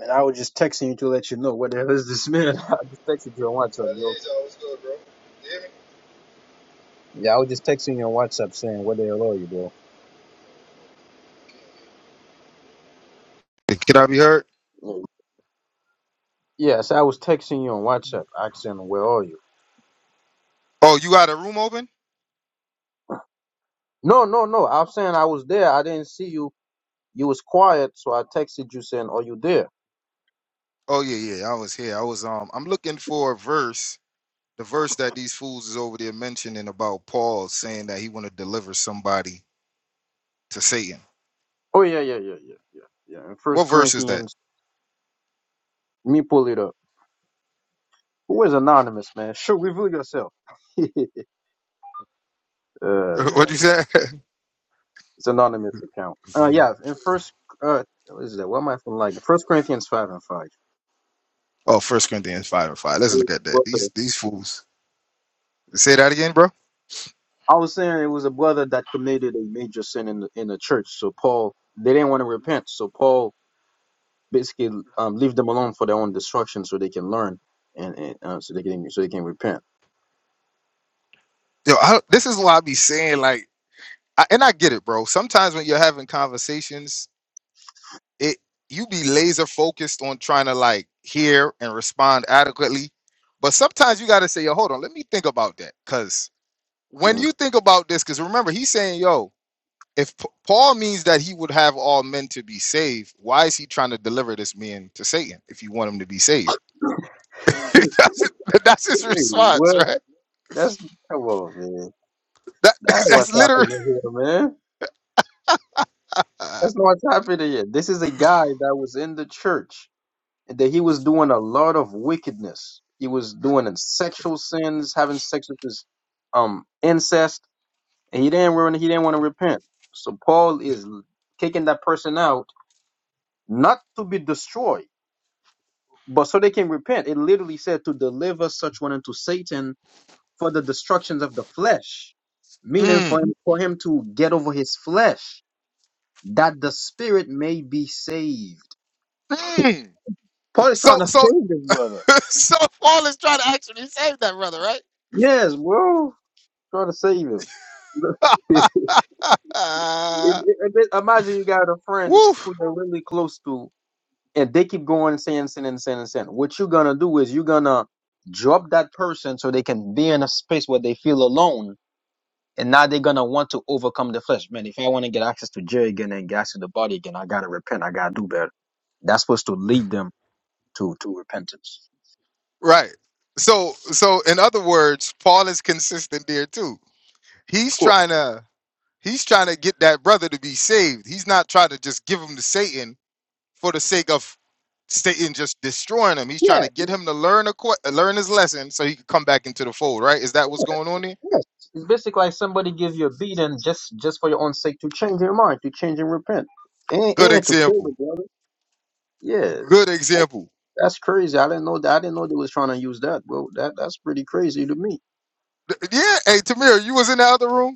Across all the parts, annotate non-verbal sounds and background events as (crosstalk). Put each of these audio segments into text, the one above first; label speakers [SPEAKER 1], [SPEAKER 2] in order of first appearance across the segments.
[SPEAKER 1] And I was just texting you to let you know what the hell is this man. (laughs) I just texted you on WhatsApp, bro. Yeah, I was just texting you on WhatsApp saying, where the hell are you, bro?" Mm. Yes, I was texting you on WhatsApp, asking where are you? No, no, no. I'm saying I was there. I didn't see you. You was quiet, so I texted you saying, "Are you there?" Oh yeah, yeah, yeah, yeah, yeah, yeah. In
[SPEAKER 2] What
[SPEAKER 1] First
[SPEAKER 2] verse is that? (laughs)
[SPEAKER 1] Corinthians, let me pull it up. Who is anonymous, man? (laughs) Sure, reveal yourself. (laughs) uh
[SPEAKER 2] What
[SPEAKER 1] man,
[SPEAKER 2] you say? (laughs)
[SPEAKER 1] it's anonymous account. Uh yeah, in First, uh, what is that? What am I feeling like? First Corinthians five and five.
[SPEAKER 2] Oh, First Corinthians five and five. Let's
[SPEAKER 1] It was
[SPEAKER 2] look at that.
[SPEAKER 1] a
[SPEAKER 2] These
[SPEAKER 1] brother.
[SPEAKER 2] these fools. Say that again, bro.
[SPEAKER 1] I was saying it was a brother that committed a major sin in the, in the church. So Paul, they didn't want to repent. So Paul basically um, leave them alone for their own destruction, so they can learn and, and uh, so they can so they can repent.
[SPEAKER 2] Yo, I, this is why I be saying like, I, and I get it, bro. Sometimes when you're having conversations, it you be laser focused on trying to like hear and respond adequately, but sometimes you got to say, yo, hold on, let me think about that, because when
[SPEAKER 1] Mhm.
[SPEAKER 2] you think about this, because remember he's saying, yo, if P- Paul means that he would have all men to be saved, why is he trying to deliver this man to Satan if you want him to be saved?
[SPEAKER 1] (laughs)
[SPEAKER 2] (laughs) that's, that's his
[SPEAKER 1] Wait,
[SPEAKER 2] response,
[SPEAKER 1] what?
[SPEAKER 2] right?
[SPEAKER 1] That's come on, man.
[SPEAKER 2] That (laughs)
[SPEAKER 1] That's what's
[SPEAKER 2] that's literally.
[SPEAKER 1] happening here, man.
[SPEAKER 2] Uh,
[SPEAKER 1] That's not what's happening here. This is a guy that was in the church and that he was doing a lot of wickedness. He was doing sexual sins, having sex with his um incest And he didn't want, he didn't want to repent. So Paul is kicking that person out, not to be destroyed, but so they can repent. It literally said to deliver such one unto Satan for the destructions of the flesh, meaning for
[SPEAKER 2] mm,
[SPEAKER 1] him, for him to get over his flesh, that the spirit may be saved. (laughs)
[SPEAKER 2] mm.
[SPEAKER 1] Paul is trying
[SPEAKER 2] So
[SPEAKER 1] to
[SPEAKER 2] so
[SPEAKER 1] save this brother.
[SPEAKER 2] (laughs) so.
[SPEAKER 1] Yes, bro, trying to save him. (laughs) It- it- it- Imagine you got a friend
[SPEAKER 2] Woo.
[SPEAKER 1] who you're really close to and they keep going sin, sin, and sin, and sin. What you're gonna do is you're gonna drop that person so they can be in a space where they feel alone, and now they're gonna want to overcome the flesh. Man, if I want to get access to Jerry again and get access to the body again, I gotta repent. I gotta do better. That's supposed to lead them to to repentance.
[SPEAKER 2] Right. So so in other words, Paul is consistent there too. He's
[SPEAKER 1] Of course.
[SPEAKER 2] trying to he's trying to get that brother to be saved. He's not trying to just give him to Satan for the sake of Satan just destroying him. He's
[SPEAKER 1] Yeah.
[SPEAKER 2] trying to get
[SPEAKER 1] It's,
[SPEAKER 2] him to learn a que- learn his lesson so he can come back into the fold. Right? Is that what's going on there?
[SPEAKER 1] yes. It's basically like somebody give you a beating just just for your own sake to change your mind, to change and repent, and
[SPEAKER 2] Good
[SPEAKER 1] and to kill the
[SPEAKER 2] example.
[SPEAKER 1] brother. Yeah.
[SPEAKER 2] Good example.
[SPEAKER 1] That's crazy. I didn't know that. I didn't know they was trying to use that, bro. That that's pretty crazy to me.
[SPEAKER 2] Th- Yeah, hey Tamir, you was in the other room.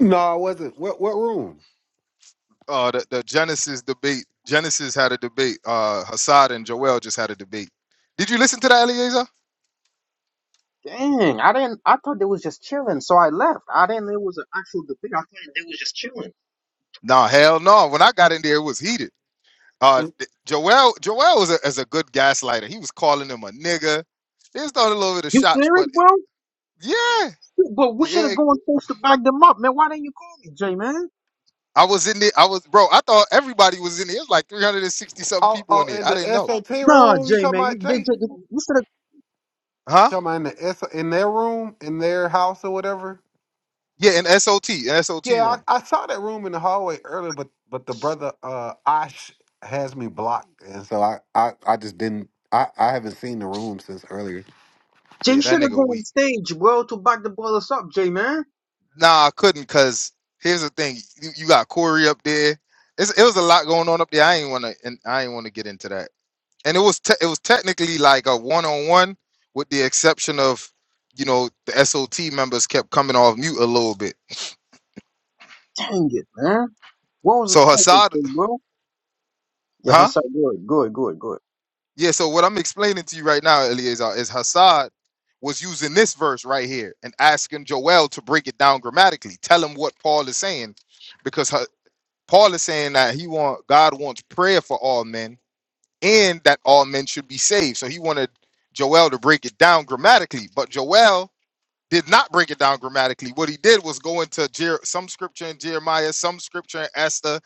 [SPEAKER 3] No, I wasn't. What what room?
[SPEAKER 2] uh the, the Genesis debate. Genesis had a debate. Uh Hassad and Joel just had a debate. Did you listen to that, Eliezer?
[SPEAKER 1] Dang, I didn't. I thought they was just chilling, so I left. I didn't. know It was an actual debate. I thought they was just chilling.
[SPEAKER 2] No, hell no. When I got in there, it was heated. Uh th- Joel Joel was a, is a good gaslighter. He was calling him a nigga. They was throwing a little bit of
[SPEAKER 1] You
[SPEAKER 2] shots,
[SPEAKER 1] serious,
[SPEAKER 2] but
[SPEAKER 1] bro?
[SPEAKER 2] yeah,
[SPEAKER 1] Shoot, But we should have
[SPEAKER 2] yeah.
[SPEAKER 1] gone supposed to back them up, man. Why didn't you call me, Jay, man?
[SPEAKER 2] I was in there. I was bro. I thought everybody was in there. It was like 360 something
[SPEAKER 3] Oh,
[SPEAKER 2] people
[SPEAKER 3] oh,
[SPEAKER 2] in there.
[SPEAKER 3] in
[SPEAKER 2] I
[SPEAKER 3] the
[SPEAKER 2] didn't know.
[SPEAKER 3] SOT
[SPEAKER 1] Nah,
[SPEAKER 3] room. You
[SPEAKER 1] Jay,
[SPEAKER 3] talking
[SPEAKER 1] man.
[SPEAKER 3] about
[SPEAKER 1] You- They,
[SPEAKER 3] Jay?
[SPEAKER 1] they,
[SPEAKER 3] You
[SPEAKER 1] you should have.
[SPEAKER 2] Huh?
[SPEAKER 3] talking about in the S in their room, in their house or whatever?
[SPEAKER 2] Yeah, in SOT, in SOT
[SPEAKER 3] Yeah,
[SPEAKER 2] room.
[SPEAKER 3] I, I saw that room in the hallway earlier, but but the brother uh Ash has me blocked, and so I I, I just didn't. I, I haven't seen the room since earlier.
[SPEAKER 1] Jay
[SPEAKER 2] Yeah, that
[SPEAKER 1] should have
[SPEAKER 2] nigga
[SPEAKER 1] gone
[SPEAKER 2] weak.
[SPEAKER 1] on stage, bro, to back the brothers up, Jay, man.
[SPEAKER 2] Nah, I couldn't because here's the thing: you, you got Corey up there. It's, it was a lot going on up there. I ain't wanna and I ain't wanna get into that. And it was te- it was technically like a one on one, with the exception of you know the SOT members kept coming off mute a little bit.
[SPEAKER 1] Dang it, man. What was the
[SPEAKER 2] So
[SPEAKER 1] topic,
[SPEAKER 2] Hassad,
[SPEAKER 1] Jay, bro? Yeah,
[SPEAKER 2] huh?
[SPEAKER 1] Hassan, good, good, good, good.
[SPEAKER 2] Yeah. So what I'm explaining to you right now, Eliezer, is Hassad was using this verse right here and asking Joel to break it down grammatically. Tell him what Paul is saying, because Ha- Paul is saying that he want God wants prayer for all men and that all men should be saved. So he wanted Joel to break it down grammatically, but Joel did not break it down grammatically. What he did was go into Jer- some scripture in Jeremiah, some scripture in Esther,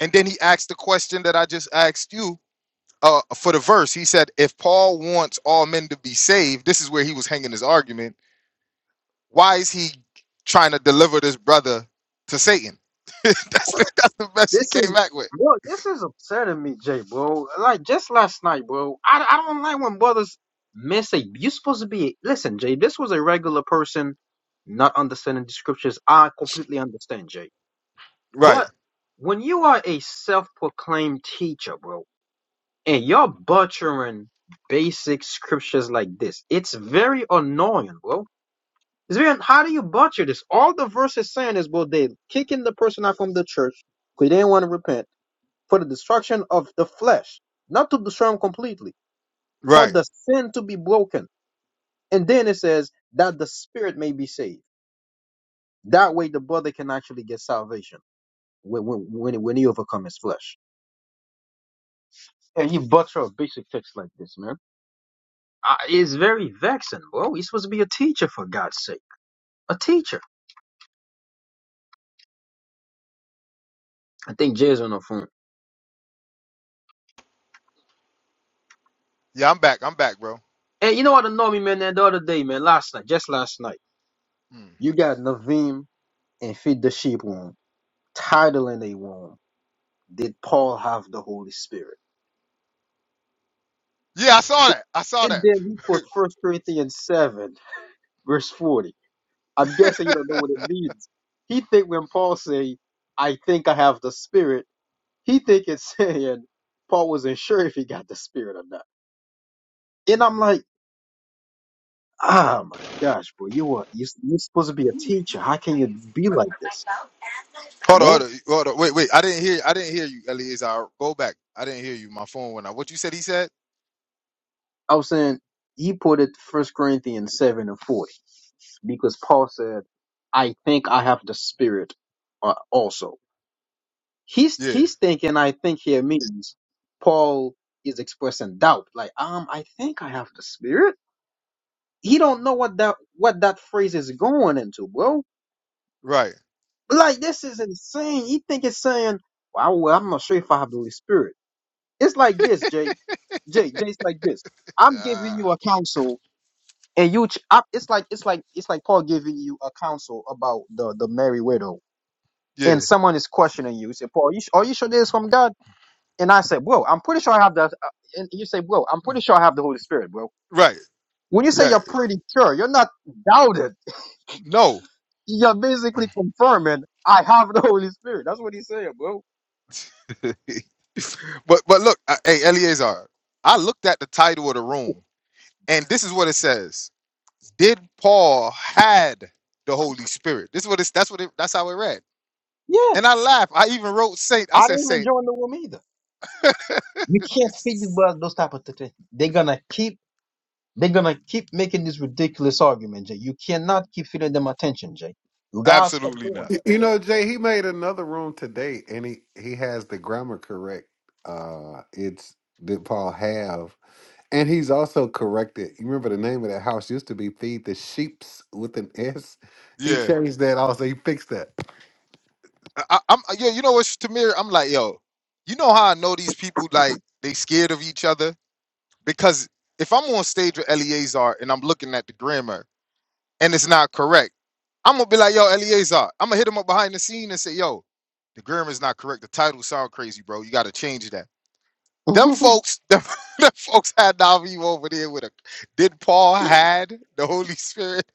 [SPEAKER 2] and then he asked the question that I just asked you uh, for the verse. He said, If Paul wants all men to be saved, this is where he was hanging his argument. Why is he trying to deliver this brother to Satan? (laughs) that's, the, that's the best he
[SPEAKER 1] This
[SPEAKER 2] came
[SPEAKER 1] is
[SPEAKER 2] back with.
[SPEAKER 1] bro. This is upsetting me, Jay, bro. Like just last night, bro. I, I don't like when brothers miss a. You supposed to be listen, Jay. This was a regular person not understanding the scriptures. I completely understand, Jay.
[SPEAKER 2] Right,
[SPEAKER 1] But when you are a self-proclaimed teacher, bro, and you're butchering basic scriptures like this, it's very annoying, bro. It's very. How do you butcher this? All the verses saying is, bro, they kicking the person out from the church because they didn't want to repent for the destruction of the flesh, not to destroy them completely, for
[SPEAKER 2] right.
[SPEAKER 1] the sin to be broken. And then it says that the spirit may be saved. That way, the brother can actually get salvation when when when, when he overcomes his flesh. And you butcher a basic text like this, man. Uh, it's very vexing, bro. He's supposed to be a teacher, for God's sake. A teacher. I think Jay's on the phone.
[SPEAKER 2] Yeah, I'm- bro.
[SPEAKER 1] And you know what annoyed me, man, the other day, man, last night, just last night.
[SPEAKER 2] Hmm.
[SPEAKER 1] You got Naveem and Feed the Sheep room, titling they room. did Paul have the Holy Spirit?
[SPEAKER 2] I saw that. I saw
[SPEAKER 1] And
[SPEAKER 2] that.
[SPEAKER 1] then he quotes First Corinthians 7, verse 40. I'm guessing you don't know what it means. He think when Paul say, I think I have the Spirit, he think it's (laughs) saying Paul wasn't sure if he got the Spirit or not. And I'm like, ah, my gosh, bro, you are, you, you're supposed to be a teacher. How can you be like this? You
[SPEAKER 2] Hold on,
[SPEAKER 1] know?
[SPEAKER 2] hold on, hold on. Wait, wait. I didn't hear. I didn't hear you, Eliezer. Go back. I didn't hear you. My phone went out. What you said? He said.
[SPEAKER 1] I was saying, he put it First Corinthians 7 and 40 because Paul said, I think I have the Spirit uh, also. He's
[SPEAKER 2] Yeah.
[SPEAKER 1] he's thinking. I think here means Paul is expressing doubt. Like, um, I think I have the Spirit. He don't know what that what that phrase is going into, bro.
[SPEAKER 2] Right.
[SPEAKER 1] Like, this is insane. He think it's saying, "Wow, well, I'm not sure if I have the Holy Spirit." It's like this, Jay. Jay, Jay's like this. I'm giving
[SPEAKER 2] Uh,
[SPEAKER 1] you a counsel, and you. Ch- I, it's like it's like it's like Paul giving you a counsel about the the Mary widow,
[SPEAKER 2] yeah.
[SPEAKER 1] and someone is questioning you. You Say, Paul, are you, sh- are you sure this is from God? And I said, bro, I'm pretty sure I have the. uh, And you say, bro, I'm pretty sure I have the Holy Spirit, bro.
[SPEAKER 2] Right.
[SPEAKER 1] When you say
[SPEAKER 2] Right.
[SPEAKER 1] you're pretty sure, you're not doubted.
[SPEAKER 2] No.
[SPEAKER 1] You're basically confirming I have the Holy Spirit. That's what he's saying, bro.
[SPEAKER 2] But but look. hey, Eliezer. looked at the title of the room, and this is what it says. Paul had the Holy Spirit. This is what it's. That's what That's how it read.
[SPEAKER 1] Yeah,
[SPEAKER 2] And I laughed. I even wrote Saint. I
[SPEAKER 1] I
[SPEAKER 2] said
[SPEAKER 1] didn't even
[SPEAKER 2] Saint.
[SPEAKER 1] join the room either. You can't feed these
[SPEAKER 2] (laughs)
[SPEAKER 1] bro, those type of things. They're gonna keep. They're gonna keep making this ridiculous argument, Jay. You cannot keep feeding them attention, Jay. You gotta stop
[SPEAKER 2] Absolutely
[SPEAKER 1] doing
[SPEAKER 2] not.
[SPEAKER 3] Y- You
[SPEAKER 1] that,
[SPEAKER 3] know, Jay, he made another room today, and he he has the grammar correct. Uh, it's did Paul have? And he's also corrected. You remember the name of that house used to be Feed the Sheeps with an S. (laughs) He
[SPEAKER 2] Yeah.
[SPEAKER 3] changed that also. He fixed that.
[SPEAKER 2] I, I- I'm yeah, you know what's Tamir? I'm like, yo, you know how I know these people like they scared of each other because if I'm on stage with Eleazar and I'm looking at the grammar and it's not correct, I'm gonna be like, yo, Eleazar, I'm gonna hit him up behind the scene and say, yo, the grammar is not correct. The title sound crazy, bro. You gotta change that. Them
[SPEAKER 1] bro.
[SPEAKER 2] folks, (laughs) them, them folks had Navi over there with a. Did Paul had the Holy Spirit?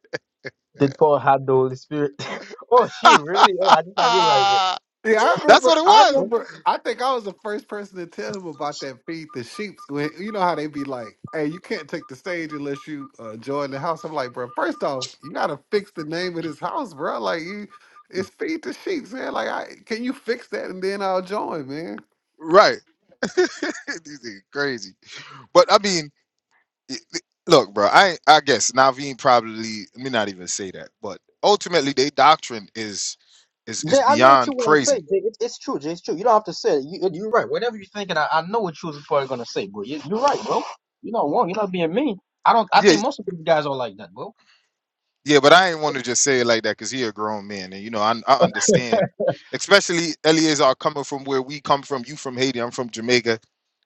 [SPEAKER 1] (laughs) Did Paul have the Holy Spirit? (laughs) oh
[SPEAKER 2] (laughs)
[SPEAKER 1] shoot, really? Oh, I just I realized
[SPEAKER 2] That's
[SPEAKER 3] Yeah, I
[SPEAKER 2] what
[SPEAKER 3] remember.
[SPEAKER 2] it
[SPEAKER 3] I
[SPEAKER 1] it.
[SPEAKER 2] was,
[SPEAKER 3] remember. I think I was the first person to tell him about that Feed the Sheeps. When you know how they be like, "Hey, you can't take the stage unless you uh, join the house." I'm like, bro. First off, you gotta fix the name of this house, bro. Like you, it's Feed the Sheeps, man. Like, I, can you fix that and then I'll join, man.
[SPEAKER 2] right? (laughs) These niggas crazy, but I mean, it- it- look, bro, I I guess Naveen probably let me not even say that, but ultimately their doctrine is is
[SPEAKER 1] Jay,
[SPEAKER 2] is
[SPEAKER 1] I know what you
[SPEAKER 2] beyond
[SPEAKER 1] want to say,
[SPEAKER 2] crazy.
[SPEAKER 1] Jay. It, it's true, Jay. It's true. You don't have to say it. You, you're right. Whatever you're thinking, I, I know what you was probably gonna say, bro. You, you're right, bro. You're not wrong. You're not being mean. I don't. I
[SPEAKER 2] Yeah,
[SPEAKER 1] think most of these guys are like that, bro.
[SPEAKER 2] yeah, but I ain't want to just say it like that because he a grown man, and you know I I understand, especially Eleazar coming from where we come from. You from Haiti, I'm from Jamaica.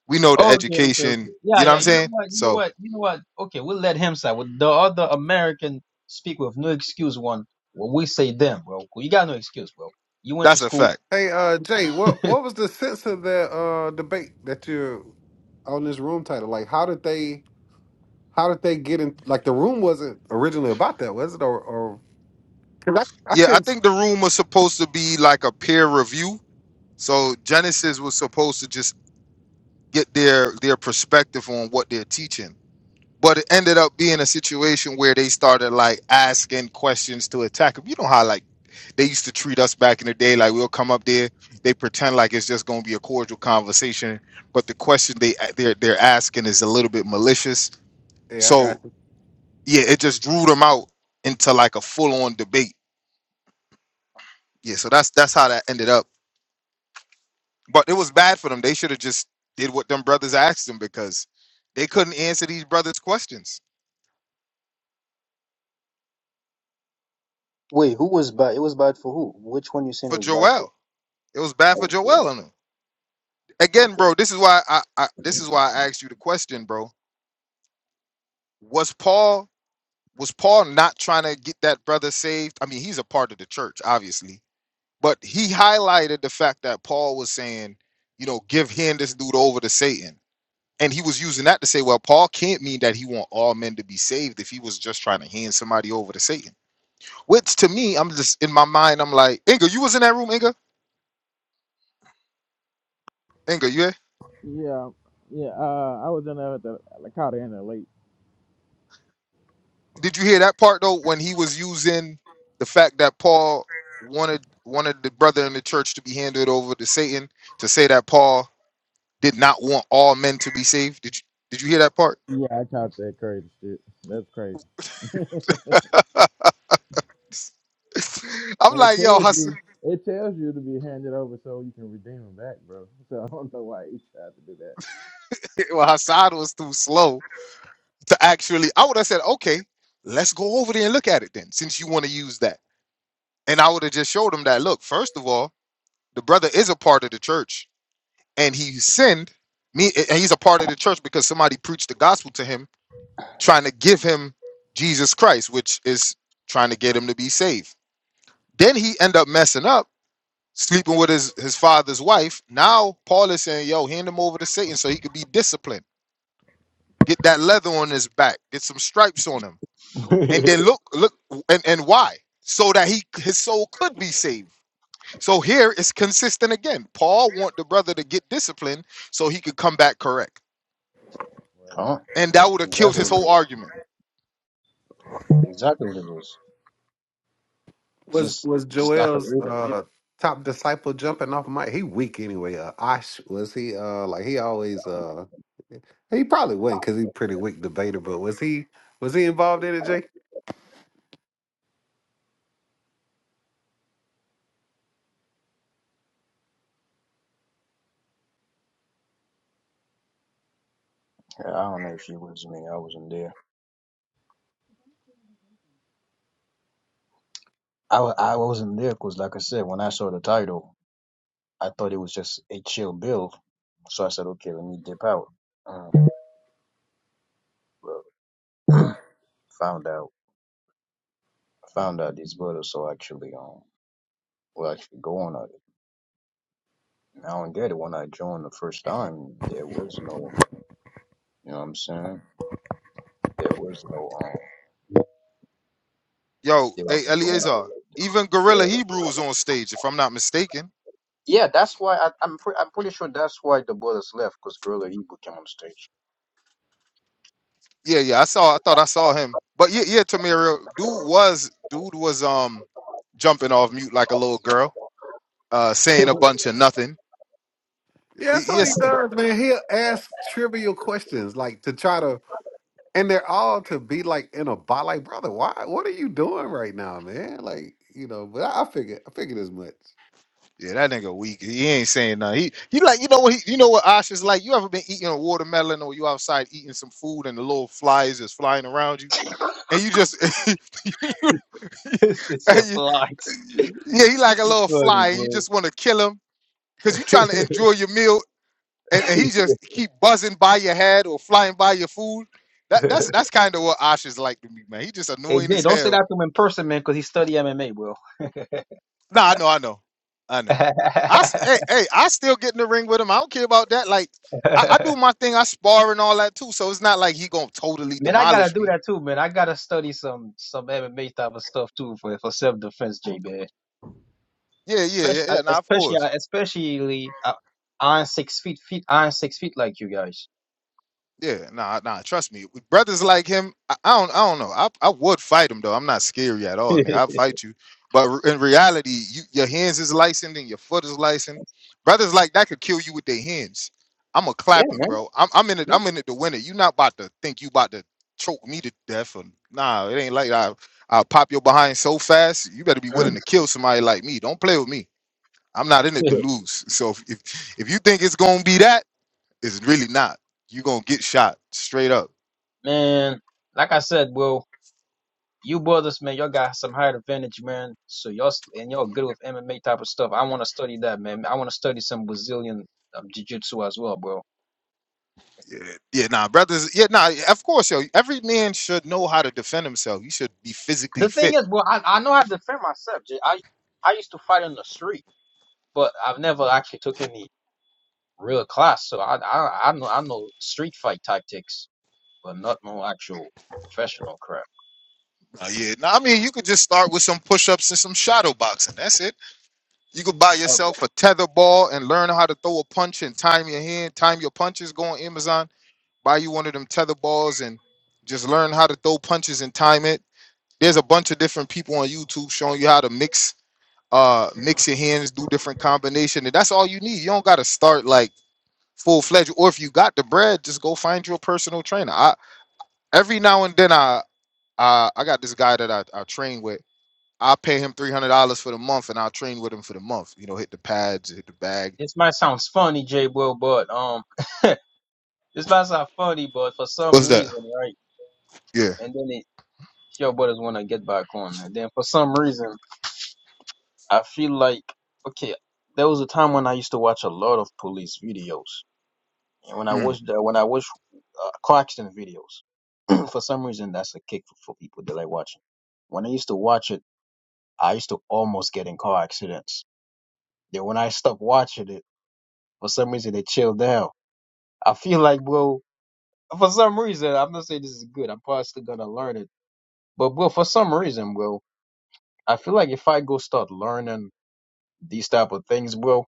[SPEAKER 2] We know the
[SPEAKER 1] Oh, okay, okay, okay.
[SPEAKER 2] education.
[SPEAKER 1] Yeah,
[SPEAKER 2] You know what
[SPEAKER 1] yeah.
[SPEAKER 2] I'm
[SPEAKER 1] You know
[SPEAKER 2] saying?
[SPEAKER 1] what? You know
[SPEAKER 2] So
[SPEAKER 1] what? You know what? Okay, we'll let him say. With the other American speak with no excuse one, well, we say them, bro. You got no excuse, bro. You went to
[SPEAKER 2] that's a
[SPEAKER 1] school.
[SPEAKER 2] fact.
[SPEAKER 3] Hey, uh, Jay, what what was the sense of the uh debate that you're on this room title? Like, how did they how did they get in? Like, the room wasn't originally about that, was it? Or or because I I
[SPEAKER 2] Yeah, I
[SPEAKER 3] couldn't.
[SPEAKER 2] think the room was supposed to be like a peer review. So Genesis was supposed to just get their their perspective on what they're teaching But it ended up being a situation where they started like asking questions to attack him. You know how like they used to treat us back in the day, like we'll come up there, they pretend like it's just gonna be a cordial conversation, but the question they they're they're asking is a little bit malicious.
[SPEAKER 3] Yeah, I got
[SPEAKER 2] So
[SPEAKER 3] you.
[SPEAKER 2] yeah, it just drew them out into like a full on debate. Yeah, so that's that's how that ended up. But it was bad for them. They should have just did what them brothers asked them because they couldn't answer these brothers' questions
[SPEAKER 1] Wait, who was bad? It was bad for who? Which one you saying it
[SPEAKER 2] for
[SPEAKER 1] was bad for?
[SPEAKER 2] Joel. It was bad for
[SPEAKER 1] Okay.
[SPEAKER 2] Joel and them. again,
[SPEAKER 1] Okay.
[SPEAKER 2] bro, this is why I, I this is why I asked you the question, bro. Was Paul was Paul not trying to get that brother saved? I mean, he's a part of the church, obviously, but he highlighted the fact that Paul was saying, you know, give hand this dude over to Satan. And he was using that to say, well, Paul can't mean that he want all men to be saved if he was just trying to hand somebody over to Satan. Which to me, I'm just in my mind, I'm like, Inga, you was in that room, Inga? Inga, you
[SPEAKER 4] Yeah, yeah. Uh, I was in there at the I caught it in there late.
[SPEAKER 2] Did you hear that part though when he was using the fact that Paul wanted wanted the brother in the church to be handed over to Satan to say that Paul did not want all men to be saved? Did you did you hear that part?
[SPEAKER 4] Yeah, I caught that crazy shit. That's crazy.
[SPEAKER 2] (laughs) I'm
[SPEAKER 4] And it
[SPEAKER 2] like, yo,
[SPEAKER 4] tells
[SPEAKER 2] Hass-
[SPEAKER 4] you, it tells you to be handed over so you can redeem them back, bro. So (laughs) I don't know why he tried to do that.
[SPEAKER 2] (laughs) well, Hassad was too slow to actually. I would have said, okay, let's go over there and look at it then, since you want to use that. And I would have just showed him that, look, first of all, the brother is a part of the church and he sinned me and he's a part of the church because somebody preached the gospel to him trying to give him jesus christ which is trying to get him to be saved then he end up messing up sleeping with his his father's wife now paul is saying yo hand him over to satan so he could be disciplined get that leather on his back get some stripes on him and
[SPEAKER 1] (laughs)
[SPEAKER 2] then
[SPEAKER 4] Right,
[SPEAKER 2] look look and and why so that he his soul could be saved so here it's consistent again paul want the brother to get disciplined so he could come back correct
[SPEAKER 4] right.
[SPEAKER 1] Huh?
[SPEAKER 2] and
[SPEAKER 1] That's
[SPEAKER 2] that would have killed
[SPEAKER 1] exactly
[SPEAKER 2] his
[SPEAKER 1] what it
[SPEAKER 2] whole
[SPEAKER 1] is.
[SPEAKER 2] argument.
[SPEAKER 1] Exactly what it is.
[SPEAKER 3] Was
[SPEAKER 1] Just,
[SPEAKER 3] was
[SPEAKER 1] just I could
[SPEAKER 3] Joel's
[SPEAKER 1] read it.
[SPEAKER 3] uh top disciple jumping off mic? He weak anyway. Uh, Osh was he uh like he always uh he probably wasn't because he pretty weak debater. But was he was he involved in it, Jay?
[SPEAKER 1] I don't know if you was me. I wasn't there. I, wa- I wasn't there because, like I said, when I saw the title, I thought it was just a chill bill. So I said, okay, let me dip out. Um, but found out, found out these brothers are actually um were actually going at it. And I don't get it. When I joined the first time, there was no, you know what I'm saying? There was no um,
[SPEAKER 2] Yo,
[SPEAKER 1] they
[SPEAKER 2] hey
[SPEAKER 1] wasn't going at
[SPEAKER 2] Eleazar,
[SPEAKER 1] it like
[SPEAKER 2] even
[SPEAKER 1] that.
[SPEAKER 2] Gorilla
[SPEAKER 1] Yeah.
[SPEAKER 2] Hebrew was on stage, if I'm not mistaken.
[SPEAKER 1] Yeah, that's why I, I'm pre- I'm pretty sure that's why the brothers left because Gorilla Hebrew came on stage.
[SPEAKER 2] Yeah, yeah, I saw. I thought I saw him, but yeah, yeah, Tamira, dude was dude was um jumping off mute like a little girl, uh, saying a bunch
[SPEAKER 1] (laughs)
[SPEAKER 2] of nothing.
[SPEAKER 3] Yeah, that's what he
[SPEAKER 2] Yes,
[SPEAKER 3] does, man. He'll ask trivial questions like to try to and they're all to be like in a bot. Like, brother, why? What are you doing right now, man? Like, you know. But I, I figured, I figured as much.
[SPEAKER 2] yeah, that nigga weak. He ain't saying nothing. He he like you know what he, you know what Ash is like. You ever been eating a watermelon or you outside eating some food and the little flies is flying around you and you just (laughs)
[SPEAKER 1] it's
[SPEAKER 2] (laughs)
[SPEAKER 1] a
[SPEAKER 2] You-
[SPEAKER 1] flight.
[SPEAKER 2] yeah, he like a little
[SPEAKER 1] Funny,
[SPEAKER 2] fly, and you
[SPEAKER 1] bro.
[SPEAKER 2] just want to kill him because you
[SPEAKER 1] (laughs)
[SPEAKER 2] are trying to enjoy your meal, and, and he just keep buzzing by your head or flying by your food. That that's that's kind of what Ash is like to me, man. He just
[SPEAKER 1] hey,
[SPEAKER 2] annoying
[SPEAKER 1] Jay,
[SPEAKER 2] as
[SPEAKER 1] don't say
[SPEAKER 2] hell.
[SPEAKER 1] that to him in person, man, because he study MMA, bro.
[SPEAKER 2] No, I know, I know, I
[SPEAKER 1] (laughs)
[SPEAKER 2] know.
[SPEAKER 1] man,
[SPEAKER 2] I s- hey hey, I still get in the ring with him. I don't care about that. Like I, I do my thing. I spar and all that too. So it's not like he gonna totally
[SPEAKER 1] I gotta
[SPEAKER 2] demolish
[SPEAKER 1] do
[SPEAKER 2] me.
[SPEAKER 1] that too, man. I gotta study some some MMA type of stuff too for for self defense, Jay, man.
[SPEAKER 2] Yeah, yeah, yeah,
[SPEAKER 1] Especially,
[SPEAKER 2] yeah. Nah, of
[SPEAKER 1] especially,
[SPEAKER 2] course.
[SPEAKER 1] especially, uh, iron six feet, feet, iron six feet, like you guys.
[SPEAKER 2] Yeah, nah, nah. Trust me, with brothers like him, I, I don't, I don't know. I, I would fight him though. I'm not scary at
[SPEAKER 1] (laughs)
[SPEAKER 2] all,
[SPEAKER 1] yeah,
[SPEAKER 2] nigga. I'll fight you. But re- in reality, you, your hands is licensed and your foot is licensed. Brothers like that could kill you with their hands. I'm gonna clap you,
[SPEAKER 1] man.
[SPEAKER 2] bro. I'm, I'm in it. I'm in it to win it. You not about to think you about to choke me to death or nah. It ain't like that. I'll pop your behind so fast. You better be
[SPEAKER 1] Yeah.
[SPEAKER 2] willing to kill somebody like me. Don't play with me. I'm not in it
[SPEAKER 1] (clears throat)
[SPEAKER 2] to lose. So if if, if you think it's gonna be that. It's really not. You're gonna get shot straight up.
[SPEAKER 1] (laughs) man, like I said, bro. you brothers, man, y'all got some higher advantage, man. So y'all and y'all good with MMA type of stuff. I want to study that, man. I want to study some Brazilian um, jiu-jitsu as well, bro.
[SPEAKER 2] Yeah, yeah, nah, brothers. Yeah, nah, of course, yo. Every man should know how to defend himself. You should be physically
[SPEAKER 1] The thing
[SPEAKER 2] fit.
[SPEAKER 1] is, bro, I, I know how to defend myself. J. I I used to fight on the street, but I've never actually took any real class. So I I, I know I know street fight tactics, but not no actual professional crap.
[SPEAKER 2] Nah, yeah, nah, mean, could just start some push ups and some shadow boxing. That's You could buy
[SPEAKER 1] Okay.
[SPEAKER 2] yourself a tether ball and learn how to throw a punch and time your hand, time your punches. Go on Amazon, buy you one of them tether balls and just learn how to throw punches and time it. There's a bunch of different people on YouTube showing you how to mix uh mix your hands, do different combination, and that's all you need. You don't gotta start like full fledged. Or if you got the bread, just go find your personal trainer. I every now and then I I, I got this guy that I, I train with. I pay him three hundred dollars for the month, and I'll train with him for the month. You know, hit the pads, hit the bag.
[SPEAKER 1] This might sound funny, J. Bro, but um, this might sound funny, but for
[SPEAKER 2] What's
[SPEAKER 1] some
[SPEAKER 2] that?
[SPEAKER 1] reason, right?
[SPEAKER 2] Yeah.
[SPEAKER 1] And then it, Y'all brothers want to get back on. And then for some reason, I feel like, okay, there was a time when I used to watch a lot of police videos. And when I
[SPEAKER 2] Mm.
[SPEAKER 1] watched, uh, when I watched uh, car accident videos, (clears throat) for some reason, that's a kick for, for people that like watching. When I used to watch it, I used to almost get in car accidents. Then when I stopped watching it, for some reason, they chilled down. I feel like, bro, for some reason, I'm not saying this is good. I'm probably still going to learn it. But, bro, for some reason, bro, I feel like if I go start learning these type of things, bro,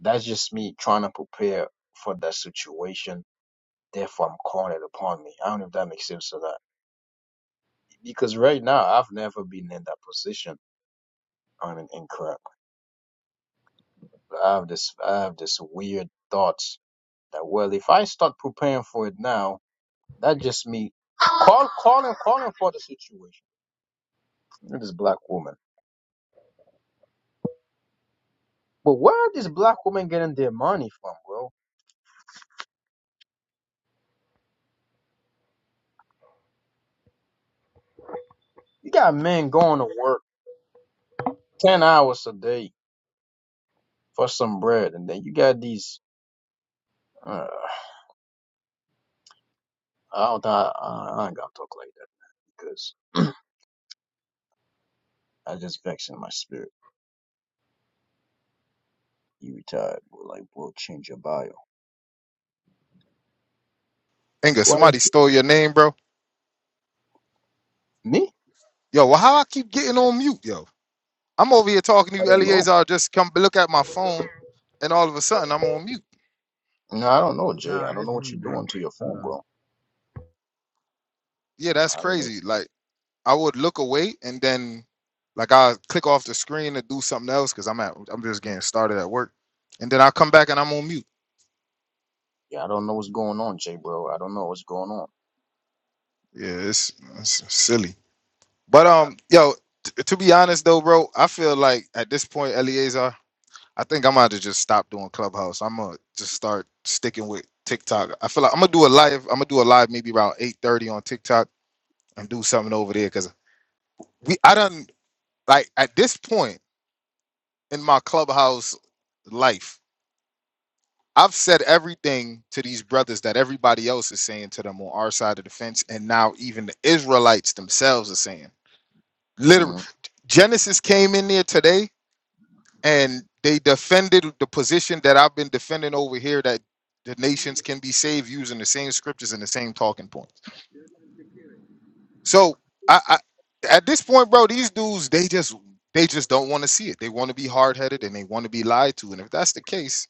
[SPEAKER 1] that's just me trying to prepare for that situation. Therefore, I'm calling it upon me. I don't know if that makes sense or not. Because right now, I've never been in that position on an incorrect. But I have this, I have this weird thoughts that well, if I start preparing for it now, that just me call, calling, calling for the situation. Look at This black woman. But where are these black women getting their money from, bro? You got men going to work ten hours a day for some bread, and then you got these Uh, I don't. I, I ain't gotta talk like that because I just vexing my spirit. You retired. We're like, we'll change your bio.
[SPEAKER 2] Inga,
[SPEAKER 1] Why
[SPEAKER 2] somebody stole your name, bro.
[SPEAKER 1] me?
[SPEAKER 2] Yo, well, how I keep getting on mute, yo? I'm over here talking to
[SPEAKER 1] I
[SPEAKER 2] you,
[SPEAKER 1] don't know.
[SPEAKER 2] Eleazar. Just come look at my phone, and all of a sudden I'm on mute.
[SPEAKER 1] No, I don't know, Jay.
[SPEAKER 4] Nah,
[SPEAKER 1] I don't
[SPEAKER 4] that's
[SPEAKER 1] know what
[SPEAKER 4] me,
[SPEAKER 1] you're
[SPEAKER 4] bro.
[SPEAKER 1] doing to your
[SPEAKER 4] Hold
[SPEAKER 1] phone,
[SPEAKER 4] on.
[SPEAKER 1] bro.
[SPEAKER 2] Yeah, that's
[SPEAKER 1] I don't know.
[SPEAKER 2] crazy. Like. I would look away and then like I click off the screen to do something else because I'm at I'm just getting started at work, and then i come back and I'm on mute.
[SPEAKER 1] Yeah, I don't know what's going on, Jay, bro. I don't know what's going on.
[SPEAKER 2] Yeah, it's, it's silly. But um, yo, t- to be honest though, bro, I feel like at this point, Eliezer, I think I'm about to just stop doing Clubhouse. I'm gonna just start sticking with TikTok. I feel like I'm gonna do a live. I'm gonna do a live maybe around 8:30 on TikTok and do something over there because we I done like at this point in my Clubhouse life. I've said everything to these brothers that everybody else is saying to them on our side of the fence, and now even the Israelites themselves are saying.
[SPEAKER 1] Uh,
[SPEAKER 2] Literally,
[SPEAKER 1] mm
[SPEAKER 2] Genesis came in there today and they defended the position that I've been defending over here that the nations can be saved using the same scriptures and the same talking points. So I, I at this point, bro, these dudes they just they just don't want to see it. They want to be hard headed and they want to be lied to. And if that's the case,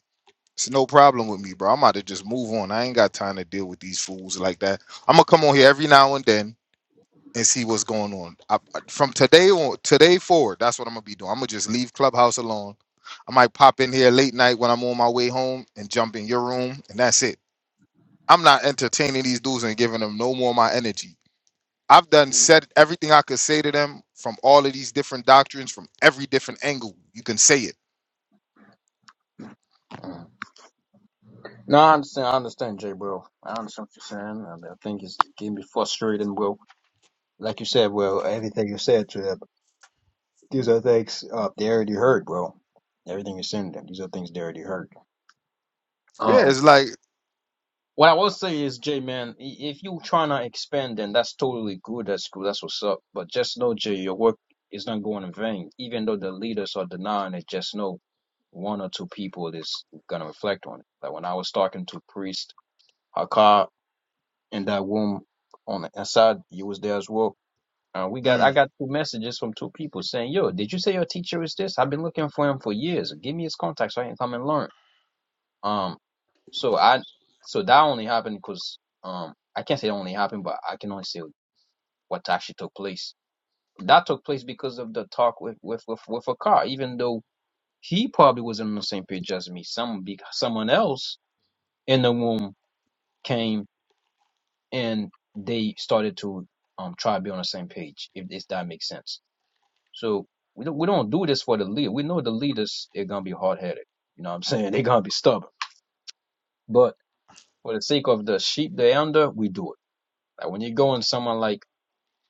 [SPEAKER 2] It's no problem with me, bro. I'm about to just move on. I ain't got time to deal with these fools like that. I'm gonna come on here every now and then and see what's going on. I, I- from today on, today forward, that's what I'm gonna be doing. I'm gonna just leave Clubhouse alone. I might pop in here late night when I'm on my way home and jump in your room, and that's it. I'm not entertaining these dudes and giving them no more of my energy. I've done said everything I could say to them from all of these different doctrines, from every different angle you can say it.
[SPEAKER 1] mm. No, I understand. I understand, Jay, bro. I understand what you're saying. and I think it's getting me frustrating, bro. Like you said, well, everything you said to them, these are things uh, they already heard, bro. Everything you send them, these are things they already heard.
[SPEAKER 2] Yeah,
[SPEAKER 1] Um,
[SPEAKER 2] it's like,
[SPEAKER 1] What I will say is, Jay, man, i- if you trying to expand, then that's totally good. That's cool. That's what's up. But just know, Jay, your work is not going in vain. Even though the leaders are denying it, just know one or two people is gonna reflect on it. Like when I was talking to Priest Hakar in that room on the inside, you was there as well. Uh, we got
[SPEAKER 2] hmm,
[SPEAKER 1] I got two messages from two people saying, "Yo, did you say your teacher is this? I've been looking for him for years. Give me his contact so I can come and learn." Um, so I, so that only happened because um, I can't say it only happened, but I can only say what actually took place. That took place because of the talk with with with with Akar. Even though he probably was not on the same page as me, some be- someone else in the room came and they started to um try to be on the same page. If this that makes sense. So we don't we don't do this for the leader. We know the leaders are gonna be hard headed. You know what I'm (laughs) saying? They're gonna be stubborn, but for the sake of the sheep they're under, we do it. Like when you go in someone like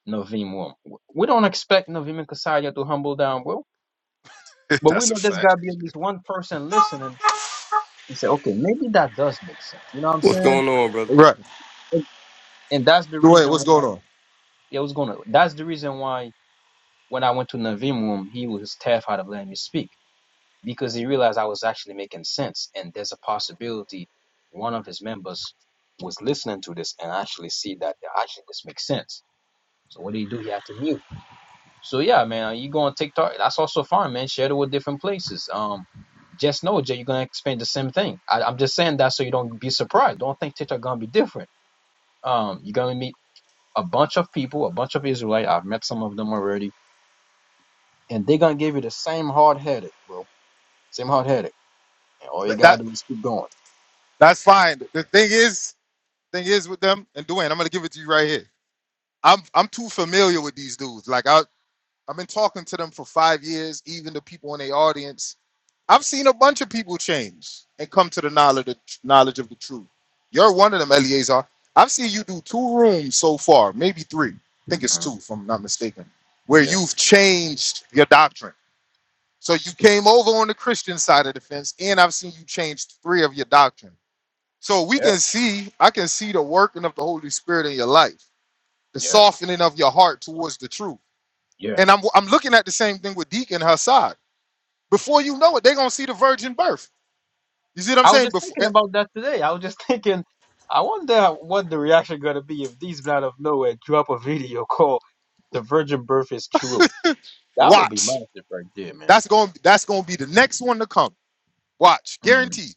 [SPEAKER 1] Naveem Will, we don't expect Naveem and Kasadia to humble down bro.
[SPEAKER 2] (laughs)
[SPEAKER 1] but we
[SPEAKER 2] that's a
[SPEAKER 1] know there's got
[SPEAKER 2] fact.
[SPEAKER 1] to be at least one person listening and say, okay, maybe that does make sense. You know what I'm
[SPEAKER 5] What's
[SPEAKER 1] saying?
[SPEAKER 5] going on, brothers?
[SPEAKER 2] right?
[SPEAKER 1] And, and that's the
[SPEAKER 2] Dwayne,
[SPEAKER 1] reason
[SPEAKER 2] what's going
[SPEAKER 1] why
[SPEAKER 2] on?
[SPEAKER 1] it was gonna. That's the reason why when I went to Naveem Room, he was terrified of letting me speak because he realized I was actually making sense, and there's a possibility one of his members was listening to this and actually see that actually this makes sense. So what did he do? He had to mute. So yeah, man, uh, you go on TikTok. That's also fine, man. Share it with different places. Um, just know, Jay, you're gonna experience the same thing. I, I'm just saying that so you don't be surprised. Don't think TikTok gonna be different. Um, you're gonna meet a bunch of people, a bunch of Israelite. I've met some of them already, and they're gonna give you the same hard headed, bro. Same hard headed. And all you
[SPEAKER 2] That, that
[SPEAKER 1] gotta do is keep going.
[SPEAKER 2] that's fine. The thing is, thing is with them and Dwayne, I'm gonna give it to you right here. I'm
[SPEAKER 1] Mm, Yeah, yeah,
[SPEAKER 2] fucking up the Holy Spirit in your life, the
[SPEAKER 1] yeah,
[SPEAKER 2] softening of your heart towards the truth.
[SPEAKER 1] yeah.
[SPEAKER 2] And I'm I'm looking at the same thing with Deacon Hassad. Before you know it, they're gonna see the virgin birth. You see what I'm
[SPEAKER 1] I was
[SPEAKER 2] saying?
[SPEAKER 1] just
[SPEAKER 2] Before
[SPEAKER 1] thinking
[SPEAKER 2] eh,
[SPEAKER 1] about that today. I was just (laughs) thinking, I wonder what the reaction gonna be if these men out of nowhere drop a video (laughs) called "The Virgin Birth is True." That would be
[SPEAKER 2] watch.
[SPEAKER 1] massive right there, man.
[SPEAKER 2] That's going to that's gonna be the next one to come. Watch,
[SPEAKER 1] Mhm.
[SPEAKER 2] guaranteed.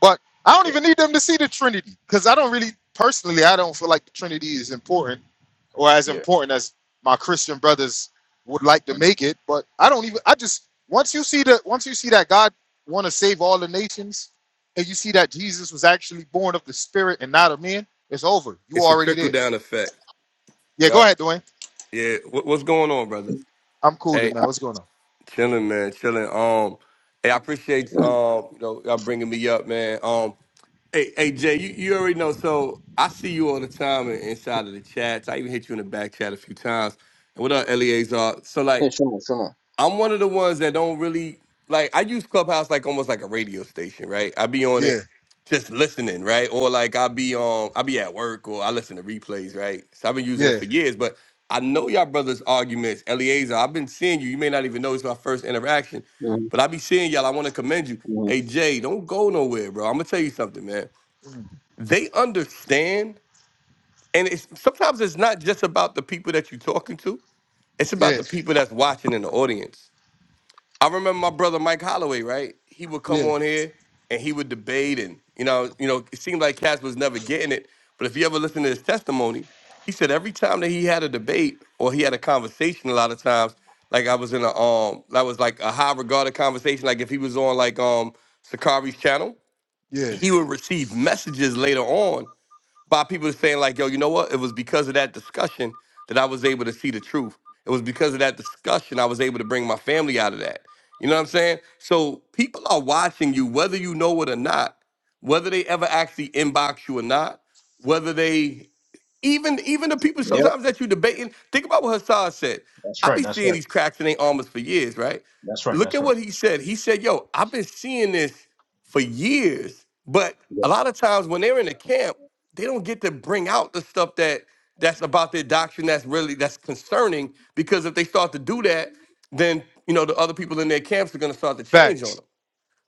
[SPEAKER 2] But I don't
[SPEAKER 1] Yeah,
[SPEAKER 2] even need them to see the Trinity because I don't really personally I don't feel like the Trinity is important or as
[SPEAKER 1] yeah.
[SPEAKER 2] important as my Christian brothers would like to
[SPEAKER 1] Mhm.
[SPEAKER 2] make it. But I don't even I just once you see that once you see that God want to save all the nations and you see that Jesus was actually born of the Spirit and not of man, it's over. You
[SPEAKER 5] It's a
[SPEAKER 2] already
[SPEAKER 5] trickle
[SPEAKER 2] there.
[SPEAKER 5] down effect.
[SPEAKER 2] Yeah, go
[SPEAKER 5] Yup.
[SPEAKER 2] ahead, Dwayne.
[SPEAKER 5] Yeah. What, what's going on, brothers?
[SPEAKER 2] I'm cooling,
[SPEAKER 5] Hey,
[SPEAKER 2] man. What's going on?
[SPEAKER 5] chilling, man, chilling. Um, hey, I appreciate um, you know, y'all bringing me up, man. Um, hey, hey, Jay, you, you already know. So I see you all the time in- inside of the chats. I even hit you in the back chat a few times. And what up, Eleazar? So like,
[SPEAKER 1] Yeah, sure, sure.
[SPEAKER 5] I'm one of the ones that don't really like. I use Clubhouse like almost like a radio station, right? I be on
[SPEAKER 2] Yeah,
[SPEAKER 5] it just listening, right? Or like I be on, I be at work, or I listen to replays, right? So I've been using it
[SPEAKER 2] yeah,
[SPEAKER 5] for years, but I know y'all brothers' arguments, Eliezer. I've been seeing you. You may not even know it's my first interaction,
[SPEAKER 1] Mhm,
[SPEAKER 5] but I be seeing y'all. I want to commend you.
[SPEAKER 1] mhm.
[SPEAKER 5] Hey Jay, don't go nowhere, bro. I'm gonna tell you something, man.
[SPEAKER 2] mm,
[SPEAKER 5] They understand, and it's sometimes it's not just about the people that you're talking to. It's about
[SPEAKER 2] yeah,
[SPEAKER 5] the people that's watching in the audience I remember my brother Mike Holloway, right? He would come
[SPEAKER 2] yeah,
[SPEAKER 5] on here and he would debate and you know, you know, it seemed like Cass was never getting it. But if you ever listen to his testimony, he said every time that he had a debate or he had a conversation a lot of times, like I was in a um that was like a high regarded conversation, like if he was on like um Sakari's channel,
[SPEAKER 2] yeah.
[SPEAKER 5] he would receive messages later on by people saying like, yo, you know what? It was because of that discussion that I was able to see the truth. It was because of that discussion I was able to bring my family out of that. You know what I'm saying? So people are watching you, whether you know it or not, whether they ever actually inbox you or not, whether they even even the people
[SPEAKER 1] Yep,
[SPEAKER 5] sometimes that you debating. Think about what Hassad said.
[SPEAKER 1] that's
[SPEAKER 5] I be
[SPEAKER 1] right. That's
[SPEAKER 5] seeing
[SPEAKER 1] right.
[SPEAKER 5] these cracks in their armors for years, right?
[SPEAKER 1] That's right.
[SPEAKER 5] Look
[SPEAKER 1] That's
[SPEAKER 5] at
[SPEAKER 1] right.
[SPEAKER 5] what he said. He said, "Yo, I've been seeing this for years, but
[SPEAKER 1] Yeah.
[SPEAKER 5] a lot of times when they're in the camp." they don't get to bring out the stuff that that's about their doctrine that's really that's concerning because if they start to do that then you know the other people in their camps are going to start to change on
[SPEAKER 2] Facts.
[SPEAKER 5] them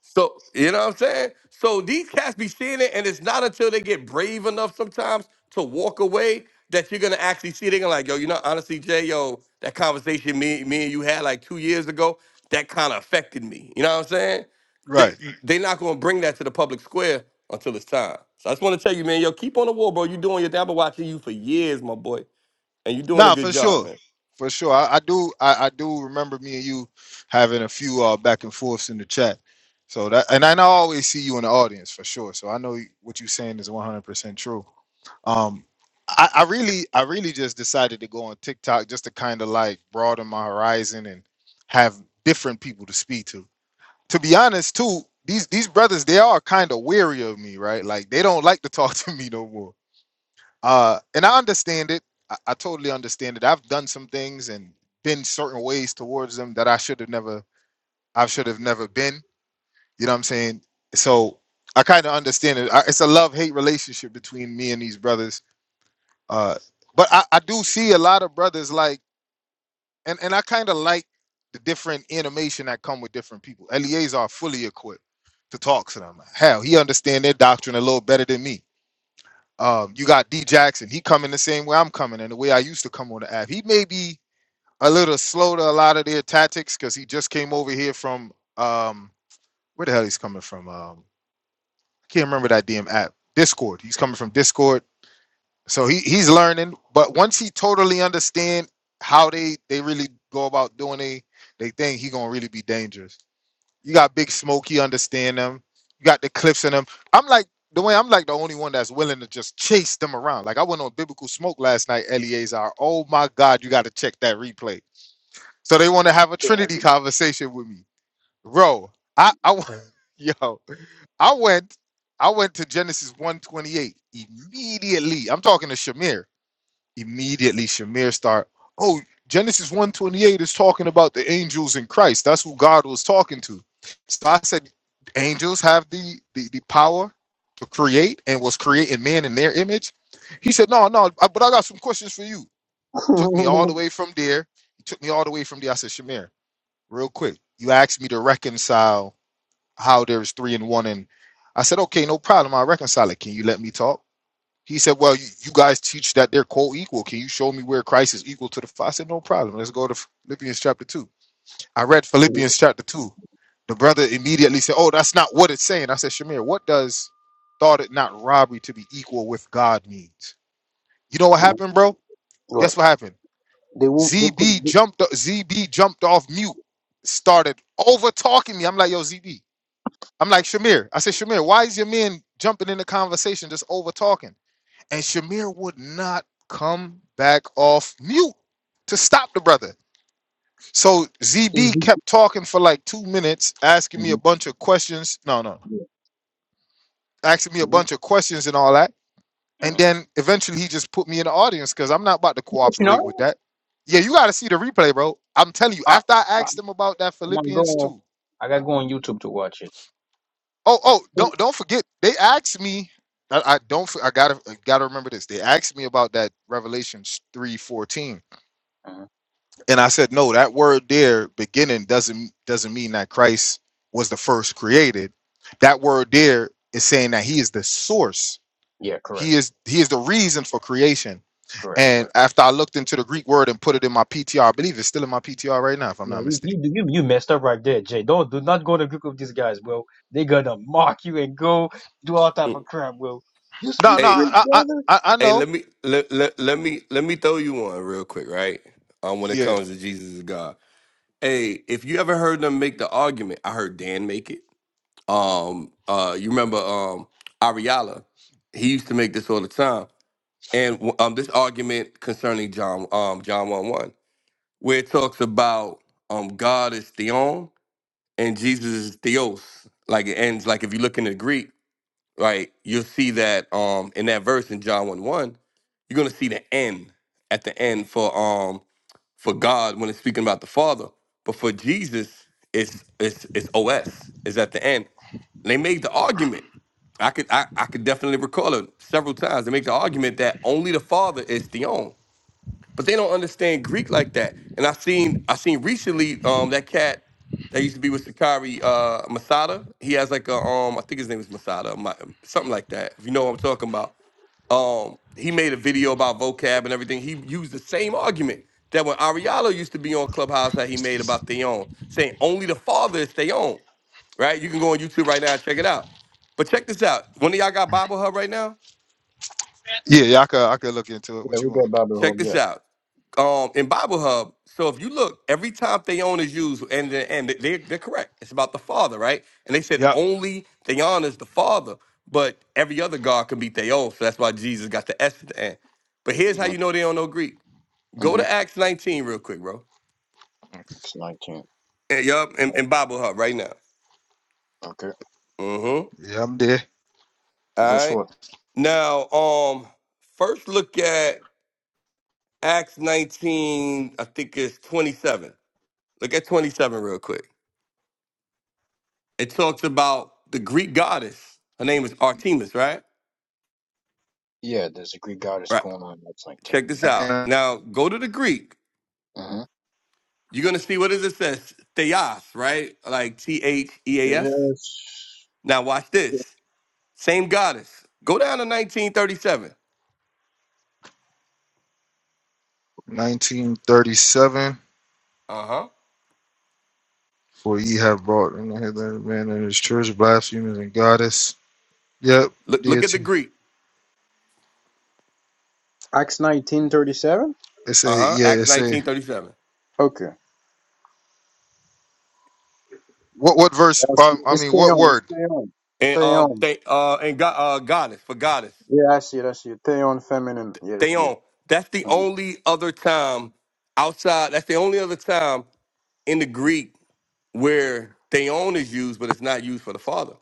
[SPEAKER 5] so you know what I'm saying? So these cats be seeing it, and it's not until they get brave enough sometimes to walk away that you're gonna actually see. it. They're gonna like, yo, you know, honestly, Jay, yo, that conversation me, me and you had like two years ago, that kind of affected me. You know what I'm saying?
[SPEAKER 2] Right.
[SPEAKER 5] They they not gonna bring that to the public square until it's time. So I just want to tell you, man, yo, keep on the wall, bro. You doing your thing. I've been watching you for years, my boy, and you're doing a
[SPEAKER 2] No,
[SPEAKER 5] good
[SPEAKER 2] for
[SPEAKER 5] job,
[SPEAKER 2] sure,
[SPEAKER 5] man.
[SPEAKER 2] for sure. I, I do. I, I do remember me and you having a few uh, back and forths in the chat. So that, and I know I always see you in the audience for sure. So I know what you're saying is 100 percent true. Um, I, I really, I really just decided to go on TikTok just to kind of like broaden my horizon and have different people to speak to. To be honest, too, these these brothers they are kind of weary of me, right? Like they don't like to talk (laughs) to me no more uh, and I understand it. I, I totally understand it. I've done some things and been certain ways towards them that I should have never, I should have never been. You know what I'm saying? So I kind of understand it. I, it's a love hate relationship between me and these brothers. Uh, but I, I do see a lot of brothers like, and and I kind of like the different animation that come with different people. L E As are fully equipped to talk to them. Hell, he understand their doctrine a little better than me. Um, you got D Jackson. He coming the same way I'm coming and the way I used to come on the app. He may be a little slow to a lot of their tactics because he just came over here from um where the hell he's coming from. Um I can't remember that damn app. Discord. He's coming from Discord. So he he's learning. But once he totally understand how they they really go about doing a they thing, he gonna really be dangerous. You got Big Smoke, understand them. You got the cliffs in them. I'm like the way I'm like the only one that's willing to just chase them around. Like I went on Biblical Smoke last night, Eleazar. Oh my God, you got to check that replay. So they want to have a
[SPEAKER 1] So I
[SPEAKER 2] Trinity
[SPEAKER 1] did-
[SPEAKER 2] conversation with me, bro. I I w- (laughs) yo, I went I went to Genesis 128 immediately. I'm talking to Shamir immediately Shamir start, oh, Genesis 128 is talking about the angels in Christ. That's who God was talking to. So I said, angels have the, the, the power to create and was creating man in their image. He said, no, no, I- but I got some questions for you. Took me all the
[SPEAKER 1] (laughs)
[SPEAKER 2] way from there. He took me all the way from there. I said, Shamir, real quick, you asked me to reconcile how there's three and one. And I said, okay, no problem. I'll reconcile it. Can you let me talk? He said, Well, you, you guys teach that they're co equal. Can you show me where Christ is equal to the Father? I said, No problem. Let's go to Philippians chapter 2. I read
[SPEAKER 1] Mhm,
[SPEAKER 2] Philippians chapter 2. The brother immediately said, Oh, that's not what it's saying. I said, Shamir, what does thought it not robbery to be equal with God means? You know what
[SPEAKER 1] mhm.
[SPEAKER 2] happened, bro?
[SPEAKER 1] What?
[SPEAKER 2] Guess what happened?
[SPEAKER 1] They will. not They put.
[SPEAKER 2] ZB jumped ZB jumped off mute, started over talking me. I'm like, yo, ZB. I'm like, Shamir. I said, Shamir, why is your man jumping in the conversation just over talking? and Shamir would not come back off mute to stop the brother. So
[SPEAKER 1] It's
[SPEAKER 2] ZB
[SPEAKER 1] deep.
[SPEAKER 2] kept talking for like two minutes, asking me a
[SPEAKER 1] Mhm,
[SPEAKER 2] bunch of questions. No, no,
[SPEAKER 1] yeah,
[SPEAKER 2] asking me a
[SPEAKER 1] mhm,
[SPEAKER 2] bunch of questions and all that. And
[SPEAKER 1] mhm.
[SPEAKER 2] then eventually he just put me in the audience because I'm not about to
[SPEAKER 1] But You know
[SPEAKER 2] cooperate with
[SPEAKER 1] what?
[SPEAKER 2] that. Yeah, you got to see the replay, bro. I'm telling you.
[SPEAKER 1] Ah,
[SPEAKER 2] After I
[SPEAKER 1] ah,
[SPEAKER 2] asked him about that
[SPEAKER 1] I'm gonna go.
[SPEAKER 2] Philippians
[SPEAKER 1] on-
[SPEAKER 2] two.
[SPEAKER 1] I gotta go on YouTube to watch
[SPEAKER 2] Oh, oh, don't
[SPEAKER 1] it.
[SPEAKER 2] don't forget. They asked me. I, I don't. f- I gotta I gotta remember this. They asked me about that Revelations three fourteen
[SPEAKER 1] hmm
[SPEAKER 2] And I said, no, that word there, beginning, doesn't doesn't mean that Christ was the first created. That word there is saying that he is the source.
[SPEAKER 1] Yeah, correct,
[SPEAKER 2] He is he is the reason for creation.
[SPEAKER 1] correct,
[SPEAKER 2] And
[SPEAKER 1] correct.
[SPEAKER 2] after I looked into the Greek word and put it in my PTR, I believe it's still in my PTR right now, if I'm
[SPEAKER 1] Yeah,
[SPEAKER 2] not
[SPEAKER 1] you,
[SPEAKER 2] mistaken.
[SPEAKER 1] you you you messed up right there, Jay. Don't do not go to group with these guys, bro. They gonna mock you and go do all type
[SPEAKER 5] Mm.
[SPEAKER 1] of crap, bro. You
[SPEAKER 2] No,
[SPEAKER 1] speak
[SPEAKER 2] no,
[SPEAKER 5] Hey,
[SPEAKER 1] Greek,
[SPEAKER 2] I I
[SPEAKER 1] brother?
[SPEAKER 2] I, I
[SPEAKER 5] Hey,
[SPEAKER 2] know.
[SPEAKER 5] let me let, let, let me let me throw you one real quick, right? Um, when it
[SPEAKER 2] Yeah,
[SPEAKER 5] comes to Jesus is God. Hey, if you ever heard them make the argument, I heard Dan make it. Um, uh, you remember um Ariala? He used to make this all the time, and um, this argument concerning John um John one one, where it talks about um God is theon and Jesus is theos. Like it ends like if you look in the Greek, like you'll see that um in that verse in John 1 1, you're gonna see the end at the end for um for God when it's speaking about the Father. But for Jesus, it's it's it's OS is at the end. And they made the argument. I could I, I could definitely recall it several times. They make the argument that only the Father is theon but they don't understand Greek like that. And I seen I seen recently um that cat that used to be with Sakari uh Masada. He has like a um I think his name is Masada, Ma- something like that. If you know what I'm talking about. Um he made a video about vocab and everything. He used the same argument that when Ariello used to be on Clubhouse that he made about Theon, saying only the father is Theon, right? You can go on YouTube right now and check it out. But check this out. One of y'all got Bible Hub right now?
[SPEAKER 2] yeah, yeah. I could I could look into it.
[SPEAKER 1] Yeah,
[SPEAKER 2] What
[SPEAKER 1] we
[SPEAKER 2] you want?
[SPEAKER 1] got Bobby
[SPEAKER 5] Check
[SPEAKER 1] Hog,
[SPEAKER 5] this
[SPEAKER 1] yeah.
[SPEAKER 5] out. Um, in Bible Hub, so if you look, every time Theon is used, and and they're they're correct. It's about the Father, right? And they said
[SPEAKER 2] Yep.
[SPEAKER 5] only Theon is the Father, but every other God can be Theon. So that's why Jesus got the S at the end. But here's how you know they don't know Greek. Go
[SPEAKER 1] Mm-hmm.
[SPEAKER 5] to Acts 19 real quick, bro.
[SPEAKER 1] It's nineteen.
[SPEAKER 5] And, yup, in, in Bible Hub right now.
[SPEAKER 1] Okay,
[SPEAKER 5] Mm-hmm.
[SPEAKER 2] Yeah, I'm there.
[SPEAKER 5] All
[SPEAKER 1] verse
[SPEAKER 5] right.
[SPEAKER 1] what?
[SPEAKER 5] Now, um, first look at Acts 19. I think it's 27. Look at 27 real quick. It talks about the Greek goddess. Her name is Artemis, right?
[SPEAKER 1] Yeah, there's a Greek goddess
[SPEAKER 5] Right.
[SPEAKER 1] going on. in Acts nineteen.
[SPEAKER 5] Check this out. Now go to the Greek.
[SPEAKER 1] Mm-hmm.
[SPEAKER 5] You're gonna see what does it says Theos, right? Like T H E A S.
[SPEAKER 1] Yes.
[SPEAKER 5] Now watch this. Same goddess. Go down to 1937.
[SPEAKER 2] 1937.
[SPEAKER 5] Uh huh.
[SPEAKER 2] For ye have brought in the headland of man and his church, blasphemers and goddess. Yep,
[SPEAKER 5] Look look at the
[SPEAKER 2] deity.
[SPEAKER 5] Greek.
[SPEAKER 1] Acts nineteen thirty seven?
[SPEAKER 2] It
[SPEAKER 5] Uh
[SPEAKER 2] say,
[SPEAKER 5] huh.
[SPEAKER 2] yeah, it
[SPEAKER 5] Acts
[SPEAKER 2] say.
[SPEAKER 5] 1937.
[SPEAKER 1] Okay.
[SPEAKER 2] What what verse?
[SPEAKER 1] That's
[SPEAKER 2] Um, I
[SPEAKER 1] it's
[SPEAKER 2] mean, what
[SPEAKER 1] Theon, it's
[SPEAKER 2] word?
[SPEAKER 1] Theon.
[SPEAKER 5] And um,
[SPEAKER 1] Theon.
[SPEAKER 5] they, uh, and go- uh, goddess for goddess.
[SPEAKER 1] Yeah, I see it, I see it. Theon feminine. Yeah, I see it.
[SPEAKER 5] Theon. That's the
[SPEAKER 1] Mm-hmm.
[SPEAKER 5] only other time outside. That's the only other time in the Greek where theon is used, but it's not used for the father.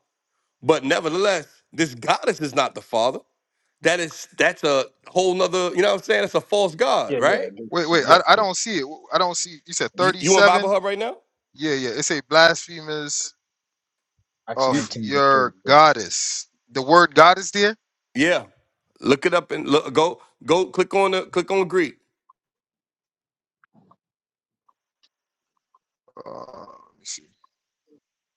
[SPEAKER 5] But nevertheless, this goddess is not the father. That is that's a whole nother, you know what I'm saying? It's a false
[SPEAKER 1] Yeah,
[SPEAKER 5] god,
[SPEAKER 1] yeah,
[SPEAKER 5] right?
[SPEAKER 1] I
[SPEAKER 2] Wait, wait.
[SPEAKER 1] yeah.
[SPEAKER 2] I, I
[SPEAKER 1] sure.
[SPEAKER 2] don't see it. I don't see. You said
[SPEAKER 5] You
[SPEAKER 2] thirty
[SPEAKER 5] you on Bible
[SPEAKER 2] seven.
[SPEAKER 5] Hub right now?
[SPEAKER 2] Yeah, yeah. It say blasphemers
[SPEAKER 1] Acts
[SPEAKER 5] Y-
[SPEAKER 2] of
[SPEAKER 1] 19, verse
[SPEAKER 2] your
[SPEAKER 1] 34.
[SPEAKER 2] goddess. The word goddess there.
[SPEAKER 5] yeah. Look it up and look, go go click on the click on Greek.
[SPEAKER 2] Uh, let me see.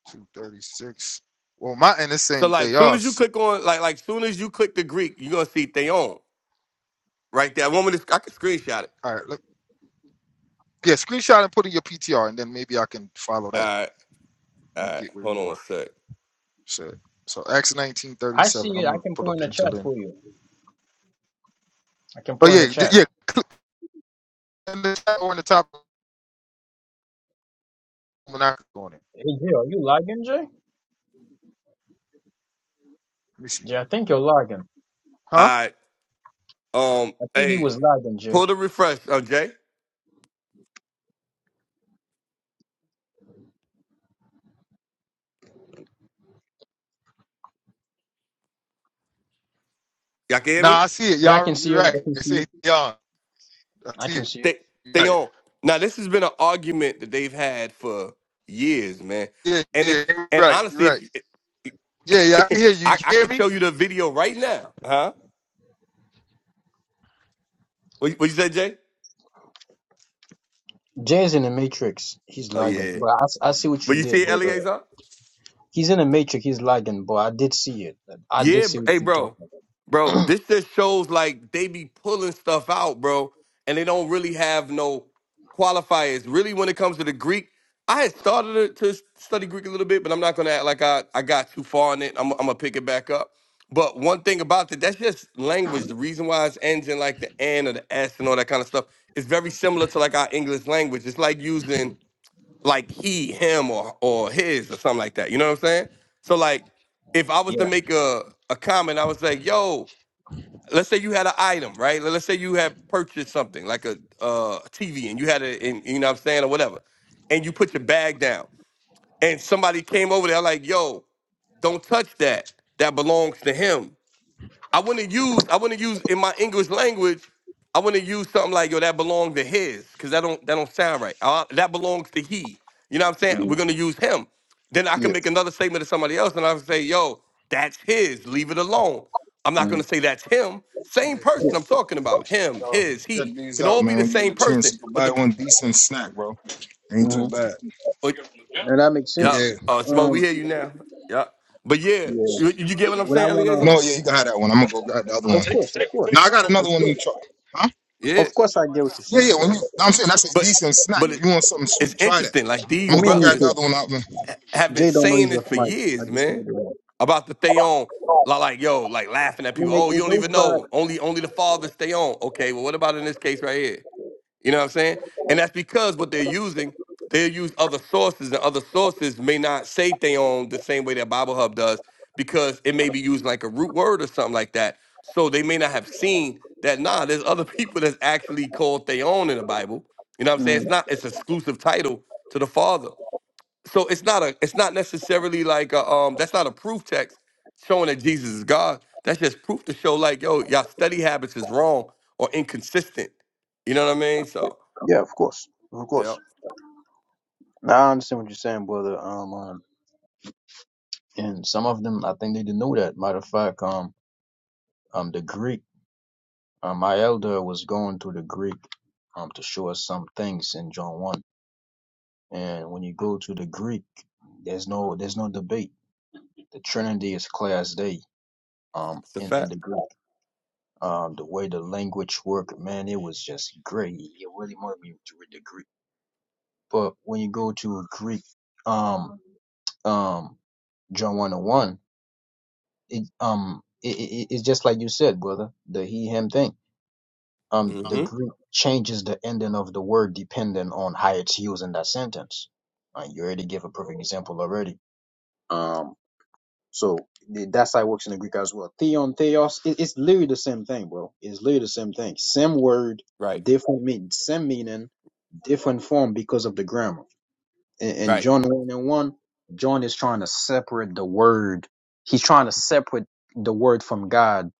[SPEAKER 2] Two thirty six. Well, my and it's
[SPEAKER 5] So
[SPEAKER 2] saying
[SPEAKER 5] like soon as you
[SPEAKER 2] theos.
[SPEAKER 5] click on like like soon as you click the Greek, you're gonna see Theon right there. I want me to I can screenshot it.
[SPEAKER 2] All right. Look. Yeah, screenshot and put in your PTR, and then maybe I can follow
[SPEAKER 5] All
[SPEAKER 2] that
[SPEAKER 5] right, all
[SPEAKER 2] and
[SPEAKER 5] right,
[SPEAKER 2] get where
[SPEAKER 5] hold
[SPEAKER 2] you
[SPEAKER 5] on one
[SPEAKER 2] are.
[SPEAKER 5] sec.
[SPEAKER 2] So, so Acts nineteen thirty
[SPEAKER 1] I see
[SPEAKER 2] seven.
[SPEAKER 1] it.
[SPEAKER 2] I'm
[SPEAKER 1] I
[SPEAKER 2] gonna
[SPEAKER 1] can
[SPEAKER 2] pull
[SPEAKER 1] put
[SPEAKER 2] up
[SPEAKER 1] in
[SPEAKER 2] the
[SPEAKER 1] the chat
[SPEAKER 2] interlink.
[SPEAKER 1] for you. I can
[SPEAKER 2] Oh
[SPEAKER 1] put in the
[SPEAKER 2] yeah, d-
[SPEAKER 1] chat.
[SPEAKER 2] yeah. Go on in.
[SPEAKER 1] Hey, Jay, are you lagging, Jay?
[SPEAKER 2] Let me see.
[SPEAKER 1] Jay, I think you're lagging.
[SPEAKER 5] All right, um,
[SPEAKER 1] I think he
[SPEAKER 5] hey,
[SPEAKER 1] was lagging, Jay.
[SPEAKER 5] pull the refresh, uh, Jay. Y'all can hear me?
[SPEAKER 2] Nah, I see it.
[SPEAKER 1] Yeah, I
[SPEAKER 2] Y'all,
[SPEAKER 1] can
[SPEAKER 2] you're
[SPEAKER 1] see it. I
[SPEAKER 2] right.
[SPEAKER 1] can
[SPEAKER 2] It
[SPEAKER 1] see
[SPEAKER 2] say
[SPEAKER 1] it.
[SPEAKER 2] y'all. I
[SPEAKER 1] I
[SPEAKER 2] see
[SPEAKER 1] can
[SPEAKER 2] it.
[SPEAKER 1] see it.
[SPEAKER 5] they
[SPEAKER 2] You're
[SPEAKER 5] they
[SPEAKER 2] Right.
[SPEAKER 5] on now this has been an argument that they've had for years man
[SPEAKER 2] Yeah,
[SPEAKER 5] and
[SPEAKER 2] yeah,
[SPEAKER 5] it's
[SPEAKER 2] you're
[SPEAKER 5] and
[SPEAKER 2] right. You're
[SPEAKER 5] honestly
[SPEAKER 2] right.
[SPEAKER 5] if
[SPEAKER 2] Yeah, yeah, I can
[SPEAKER 5] (laughs)
[SPEAKER 2] hear you. You
[SPEAKER 5] I, I
[SPEAKER 2] hear
[SPEAKER 5] could
[SPEAKER 2] me?
[SPEAKER 5] show you the video right now huh what, what you say jay
[SPEAKER 1] Jay's in the matrix. He's
[SPEAKER 5] oh
[SPEAKER 1] lagging.
[SPEAKER 5] yeah
[SPEAKER 1] But I, s- I see what you
[SPEAKER 5] but you see
[SPEAKER 1] did,
[SPEAKER 5] it,
[SPEAKER 1] brother.
[SPEAKER 5] Eleazar?
[SPEAKER 1] He's in the matrix. He's lagging, but I did see it. I did
[SPEAKER 5] Yeah,
[SPEAKER 1] see
[SPEAKER 5] br-
[SPEAKER 1] what
[SPEAKER 5] hey,
[SPEAKER 1] you're talking
[SPEAKER 5] bro,
[SPEAKER 1] about.
[SPEAKER 5] bro, this just shows like they be pulling stuff out, bro, and they don't really have no qualifiers. Really, when it comes to the Greek, I had started to to study Greek a little bit, but I'm not gonna act like I, I got too far in it. I'm, I'm gonna pick it back up. But one thing about that, that's just language. The reason why it's ends in like the N or the S and all that kind of stuff is very similar to like our English language. It's like using like he, him, or or his, or something like that. You know what I'm saying? So like, if I was to
[SPEAKER 1] Yeah.
[SPEAKER 5] make a a comment, I was like, "Yo, let's say you had an item, right? Let's say you had purchased something like a uh, a TV, and you had it, in, you know what I'm saying, or whatever, and you put your bag down, and somebody came over there like, "Yo, don't touch that. That belongs to him." I wouldn't use I wouldn't use in my English language. I wouldn't use something like yo that belongs to his because that don't that don't sound right. Uh, that belongs to he. You know what I'm saying?
[SPEAKER 1] hmm
[SPEAKER 5] We're gonna use him. Then I can
[SPEAKER 1] Yeah.
[SPEAKER 5] make another statement to somebody else and I would say yo that's his. Leave it alone. I'm not
[SPEAKER 1] hmm
[SPEAKER 5] gonna say that's him.
[SPEAKER 2] Yeah,
[SPEAKER 5] Same person
[SPEAKER 1] Yeah.
[SPEAKER 5] I'm talking about. Him,
[SPEAKER 2] yo,
[SPEAKER 5] his,
[SPEAKER 2] check
[SPEAKER 5] he
[SPEAKER 2] these
[SPEAKER 5] can
[SPEAKER 2] out,
[SPEAKER 5] all be
[SPEAKER 2] man.
[SPEAKER 5] the
[SPEAKER 2] When you get
[SPEAKER 5] same
[SPEAKER 2] a chance,
[SPEAKER 5] person.
[SPEAKER 2] you can
[SPEAKER 5] But
[SPEAKER 2] buy
[SPEAKER 5] the
[SPEAKER 2] one decent snack, bro. Ain't too
[SPEAKER 1] hmm
[SPEAKER 2] bad.
[SPEAKER 5] but,
[SPEAKER 1] And that makes
[SPEAKER 5] yeah,
[SPEAKER 2] Yeah,
[SPEAKER 1] sense.
[SPEAKER 5] uh, smoke. We
[SPEAKER 1] Um.
[SPEAKER 5] hear you now. Yeah, but yeah,
[SPEAKER 2] yeah,
[SPEAKER 1] Yeah.
[SPEAKER 5] you, you get what I'm
[SPEAKER 1] What I
[SPEAKER 5] saying,
[SPEAKER 1] wanna.
[SPEAKER 5] Eleazar?
[SPEAKER 1] Of course, Of course. Of course.
[SPEAKER 5] Yeah.
[SPEAKER 1] Of course, I get what you're saying, bro.
[SPEAKER 5] But but it, it's interesting. Like these
[SPEAKER 1] Let me mute
[SPEAKER 5] brothers
[SPEAKER 1] it.
[SPEAKER 5] have been
[SPEAKER 1] Jay don't know
[SPEAKER 5] saying
[SPEAKER 1] he's
[SPEAKER 5] this
[SPEAKER 1] off
[SPEAKER 5] for
[SPEAKER 1] mic.
[SPEAKER 5] years,
[SPEAKER 1] I just
[SPEAKER 5] man.
[SPEAKER 1] need to.
[SPEAKER 5] About the stay on, li- like yo, like laughing at
[SPEAKER 1] I mean,
[SPEAKER 5] people.
[SPEAKER 1] it,
[SPEAKER 5] Oh, you
[SPEAKER 1] it
[SPEAKER 5] don't even
[SPEAKER 1] goes
[SPEAKER 5] know.
[SPEAKER 1] back.
[SPEAKER 5] Only only the father stay on. Okay, well, what about in this case right here? You know what I'm saying? And that's because what they're using, they use other sources, and other sources may not say theon the same way that Bible Hub does, because it may be using like a root word or something like that. So they may not have seen that, nah, there's other (laughs) people that's actually called theon in the Bible. You know what I'm saying?
[SPEAKER 1] Mm,
[SPEAKER 5] It's not it's exclusive title to the Father. So it's not a it's not necessarily like a, um that's not a proof text showing that Jesus is God. That's just proof to show like, yo, y'all study habits is wrong or inconsistent. You know what I mean? So
[SPEAKER 1] yeah, of course, of course.
[SPEAKER 5] Yep.
[SPEAKER 1] Now I understand what you're saying, brother. Um, um, and some of them, I think they didn't know that. Matter of fact, um, um, the Greek, um, my elder was going to the Greek, um, to show us some things in John one. And when you go to the Greek, there's no, there's no debate. The Trinity is clear as day. Um,
[SPEAKER 5] It's a
[SPEAKER 1] in in
[SPEAKER 5] fact.
[SPEAKER 1] the Greek. Um, the way the language worked, man, it was just great. It really wanted me to read the Greek. But when you go to a Greek, um, um, John one and one, it um, it, it, it's just like you said, brother, the he him thing. Um, the
[SPEAKER 5] hmm
[SPEAKER 1] Greek changes the ending of the word depending on how it's used in that sentence. Uh, you already gave a perfect example already. Um. So th- that's how it works in the Greek as well. Theon, theos, it, it's literally the same thing, bro. It's literally the same thing. Same word,
[SPEAKER 5] Right.
[SPEAKER 1] different meaning, same meaning, different form because of the grammar. In, in
[SPEAKER 5] Right.
[SPEAKER 1] John 1 and 1, John is trying to separate the word. He's trying to separate the word from God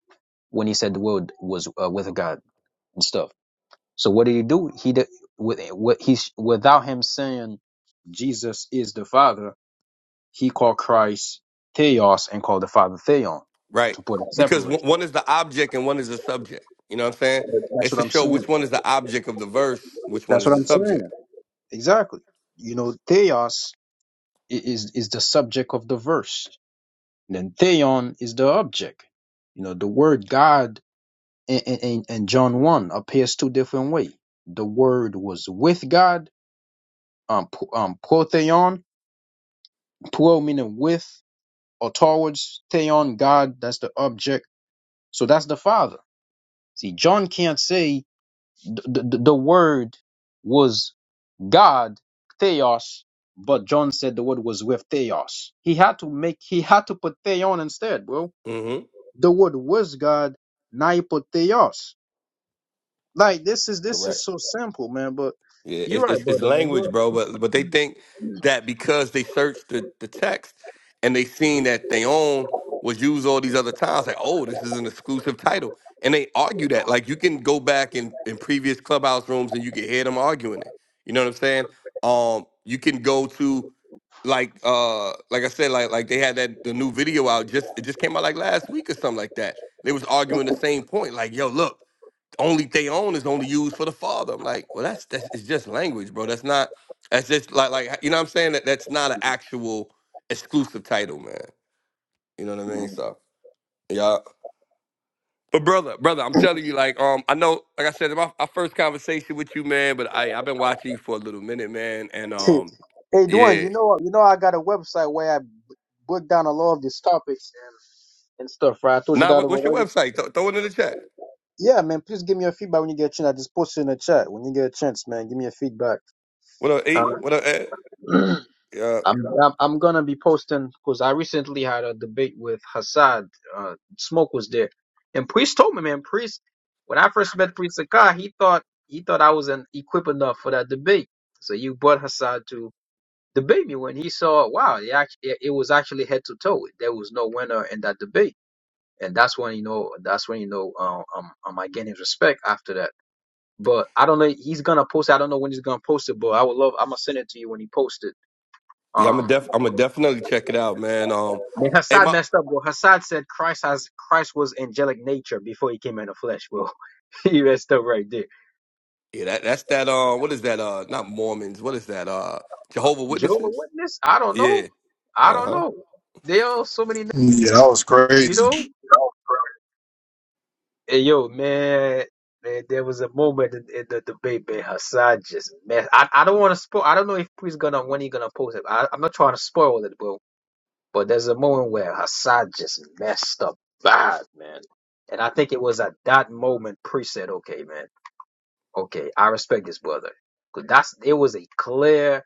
[SPEAKER 1] when he said the word was uh, with God and stuff. So what did he do? He did, with, what he's, without him saying Jesus is the Father, he called Christ Theos and called the Father Theon
[SPEAKER 5] Right.
[SPEAKER 1] to put a
[SPEAKER 5] Because one
[SPEAKER 1] separation.
[SPEAKER 5] one is the object and one is the subject. You know what I'm saying?
[SPEAKER 1] That's
[SPEAKER 5] It's
[SPEAKER 1] what
[SPEAKER 5] to
[SPEAKER 1] I'm
[SPEAKER 5] show
[SPEAKER 1] saying.
[SPEAKER 5] which one is the object of the verse, which one
[SPEAKER 1] That's
[SPEAKER 5] is
[SPEAKER 1] what
[SPEAKER 5] the
[SPEAKER 1] I'm
[SPEAKER 5] subject.
[SPEAKER 1] saying. Exactly. You know, Theos i- is is the subject of the verse. And then Theon is the object. You know, the word God in, in, in John 1 appears two different ways. The word was with God, um, pro- um, protheon, pro meaning with or towards, theon, God, that's the object. So that's the Father. See, John can't say the, the, the word was God, Theos, but John said the word was with Theos. He had to make he had to put Theon instead, bro.
[SPEAKER 5] hmm
[SPEAKER 1] The word was God, now you put Theos. Like this is this
[SPEAKER 5] Correct.
[SPEAKER 1] is so simple, man. But
[SPEAKER 5] Yeah,
[SPEAKER 1] you're
[SPEAKER 5] it's, it's
[SPEAKER 1] right,
[SPEAKER 5] it's
[SPEAKER 1] brother, man.
[SPEAKER 5] language,
[SPEAKER 1] You're
[SPEAKER 5] bro. But but they think
[SPEAKER 1] right.
[SPEAKER 5] that because they searched the, the text and they seen that they own was used all these other times, like oh, this is an exclusive title, and they argue that. Like you can go back in in previous clubhouse rooms and you can hear them arguing it. You know what I'm saying? Um, you can go to like uh like I said, like like they had that the new video out just it just came out like last week or something like that. They was arguing the same point, like yo, look only they own is only used for the father. I'm like, well, that's that's it's just language, bro. That's not that's just like like you know what I'm saying. That that's not an actual exclusive title, man. You know what I mean? So yeah. But brother, brother, I'm telling you, like, um, I know, like I said, my, my first conversation with you, man. But I I've been watching you for a little minute, man. And
[SPEAKER 1] (laughs)
[SPEAKER 5] um,
[SPEAKER 1] Hey, Dwayne,
[SPEAKER 5] yeah.
[SPEAKER 1] you know you know I got a website where I b- broke down a lot of these topics and, and stuff, right? I told you
[SPEAKER 5] Now,
[SPEAKER 1] that
[SPEAKER 5] what, what's your
[SPEAKER 1] already.
[SPEAKER 5] website? Th- throw it in the chat.
[SPEAKER 1] Yeah, man. Please give me your feedback when you get a chance. I just posted in the chat. When you get a chance, man, give me your feedback.
[SPEAKER 5] What up, E? What up, Ed?
[SPEAKER 1] (clears throat)
[SPEAKER 5] Yeah,
[SPEAKER 1] I'm I'm I'm gonna be posting because I recently had a debate with Hassad. Uh, Smoke was there, and Priest told me, man, Priest. When I first met Priest Sakai, he thought he thought I wasn't equipped enough for that debate. So you brought Hassad to debate me when he saw, wow, it, actually, it was actually head to toe. There was no winner in that debate, and that's when you know that's when you know uh, um, um I gained his respect after that. But I don't know. He's gonna post. it. I don't know when he's gonna post it, but I would love. I'm gonna send it to you when he posts it
[SPEAKER 5] yeah. I'm a
[SPEAKER 1] um,
[SPEAKER 5] def. I'm a definitely check it out, man. Um,
[SPEAKER 1] when
[SPEAKER 5] hey,
[SPEAKER 1] Hassad
[SPEAKER 5] my
[SPEAKER 1] messed up, well, Hassad said Christ has Christ was angelic nature before he came in the flesh. Well, (laughs) he messed up (laughs) right there.
[SPEAKER 5] Yeah, that, that's that. Uh, what is that? Uh, not Mormons. What is that? Uh, Jehovah
[SPEAKER 1] Job a
[SPEAKER 5] Witnesses.
[SPEAKER 1] witness? I don't know.
[SPEAKER 5] Yeah.
[SPEAKER 1] I
[SPEAKER 5] Uh
[SPEAKER 1] don't
[SPEAKER 5] huh.
[SPEAKER 1] know. There are so many names,
[SPEAKER 2] that was
[SPEAKER 1] you
[SPEAKER 2] crazy.
[SPEAKER 1] know. Hey, yo, man, there, there was a moment in, in the debate, man. Hassad just mess. I, I don't want to spoil. I don't know if he's gonna when he's gonna post it. I, I'm not trying to spoil it, but But there's a moment where Hassad just messed up bad, man. And I think it was at that moment Pre said, okay, man, okay, I respect this brother. Cause that's it was a clear,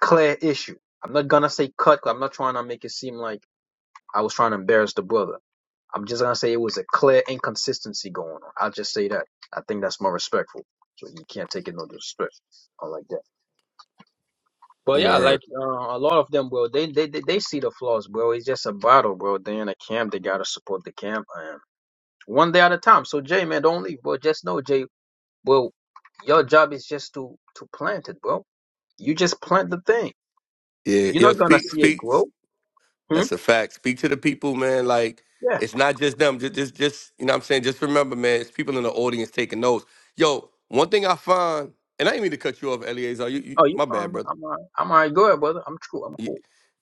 [SPEAKER 1] clear issue. I'm not gonna say cut, 'cause I'm not trying to make it seem like I was trying to embarrass the brother. I'm just gonna say it was a clear inconsistency going on. I'll just say that. I think that's more respectful. So you can't take it no disrespect. I like that. But yeah, like
[SPEAKER 5] Word.
[SPEAKER 1] uh, a lot of them, bro, they, they they they see the flaws, bro. It's just a battle, bro. They in a camp, they gotta support the camp, and one day at a time. So Jay, man, don't leave, bro. Just know, Jay, bro, your job is just to to plant it, bro. You just plant the thing.
[SPEAKER 5] Yeah.
[SPEAKER 1] You're
[SPEAKER 5] Yo,
[SPEAKER 1] not gonna
[SPEAKER 5] speak,
[SPEAKER 1] see it
[SPEAKER 5] speak.
[SPEAKER 1] grow. Hmm.
[SPEAKER 5] That's a fact. Speak to the people, man. Like
[SPEAKER 1] Yeah.
[SPEAKER 5] it's not just them. Just, just, just you know. what I'm saying. Just remember, man. It's people in the audience taking notes. Yo, one thing I find, and I didn't mean to cut you off, Eleazar. You, you
[SPEAKER 1] Oh, you
[SPEAKER 5] my
[SPEAKER 1] fine,
[SPEAKER 5] bad,
[SPEAKER 1] bro.
[SPEAKER 5] brother.
[SPEAKER 1] I'm alright. I'm alright. Go ahead, brother. I'm true. I'm
[SPEAKER 5] You-
[SPEAKER 1] cool.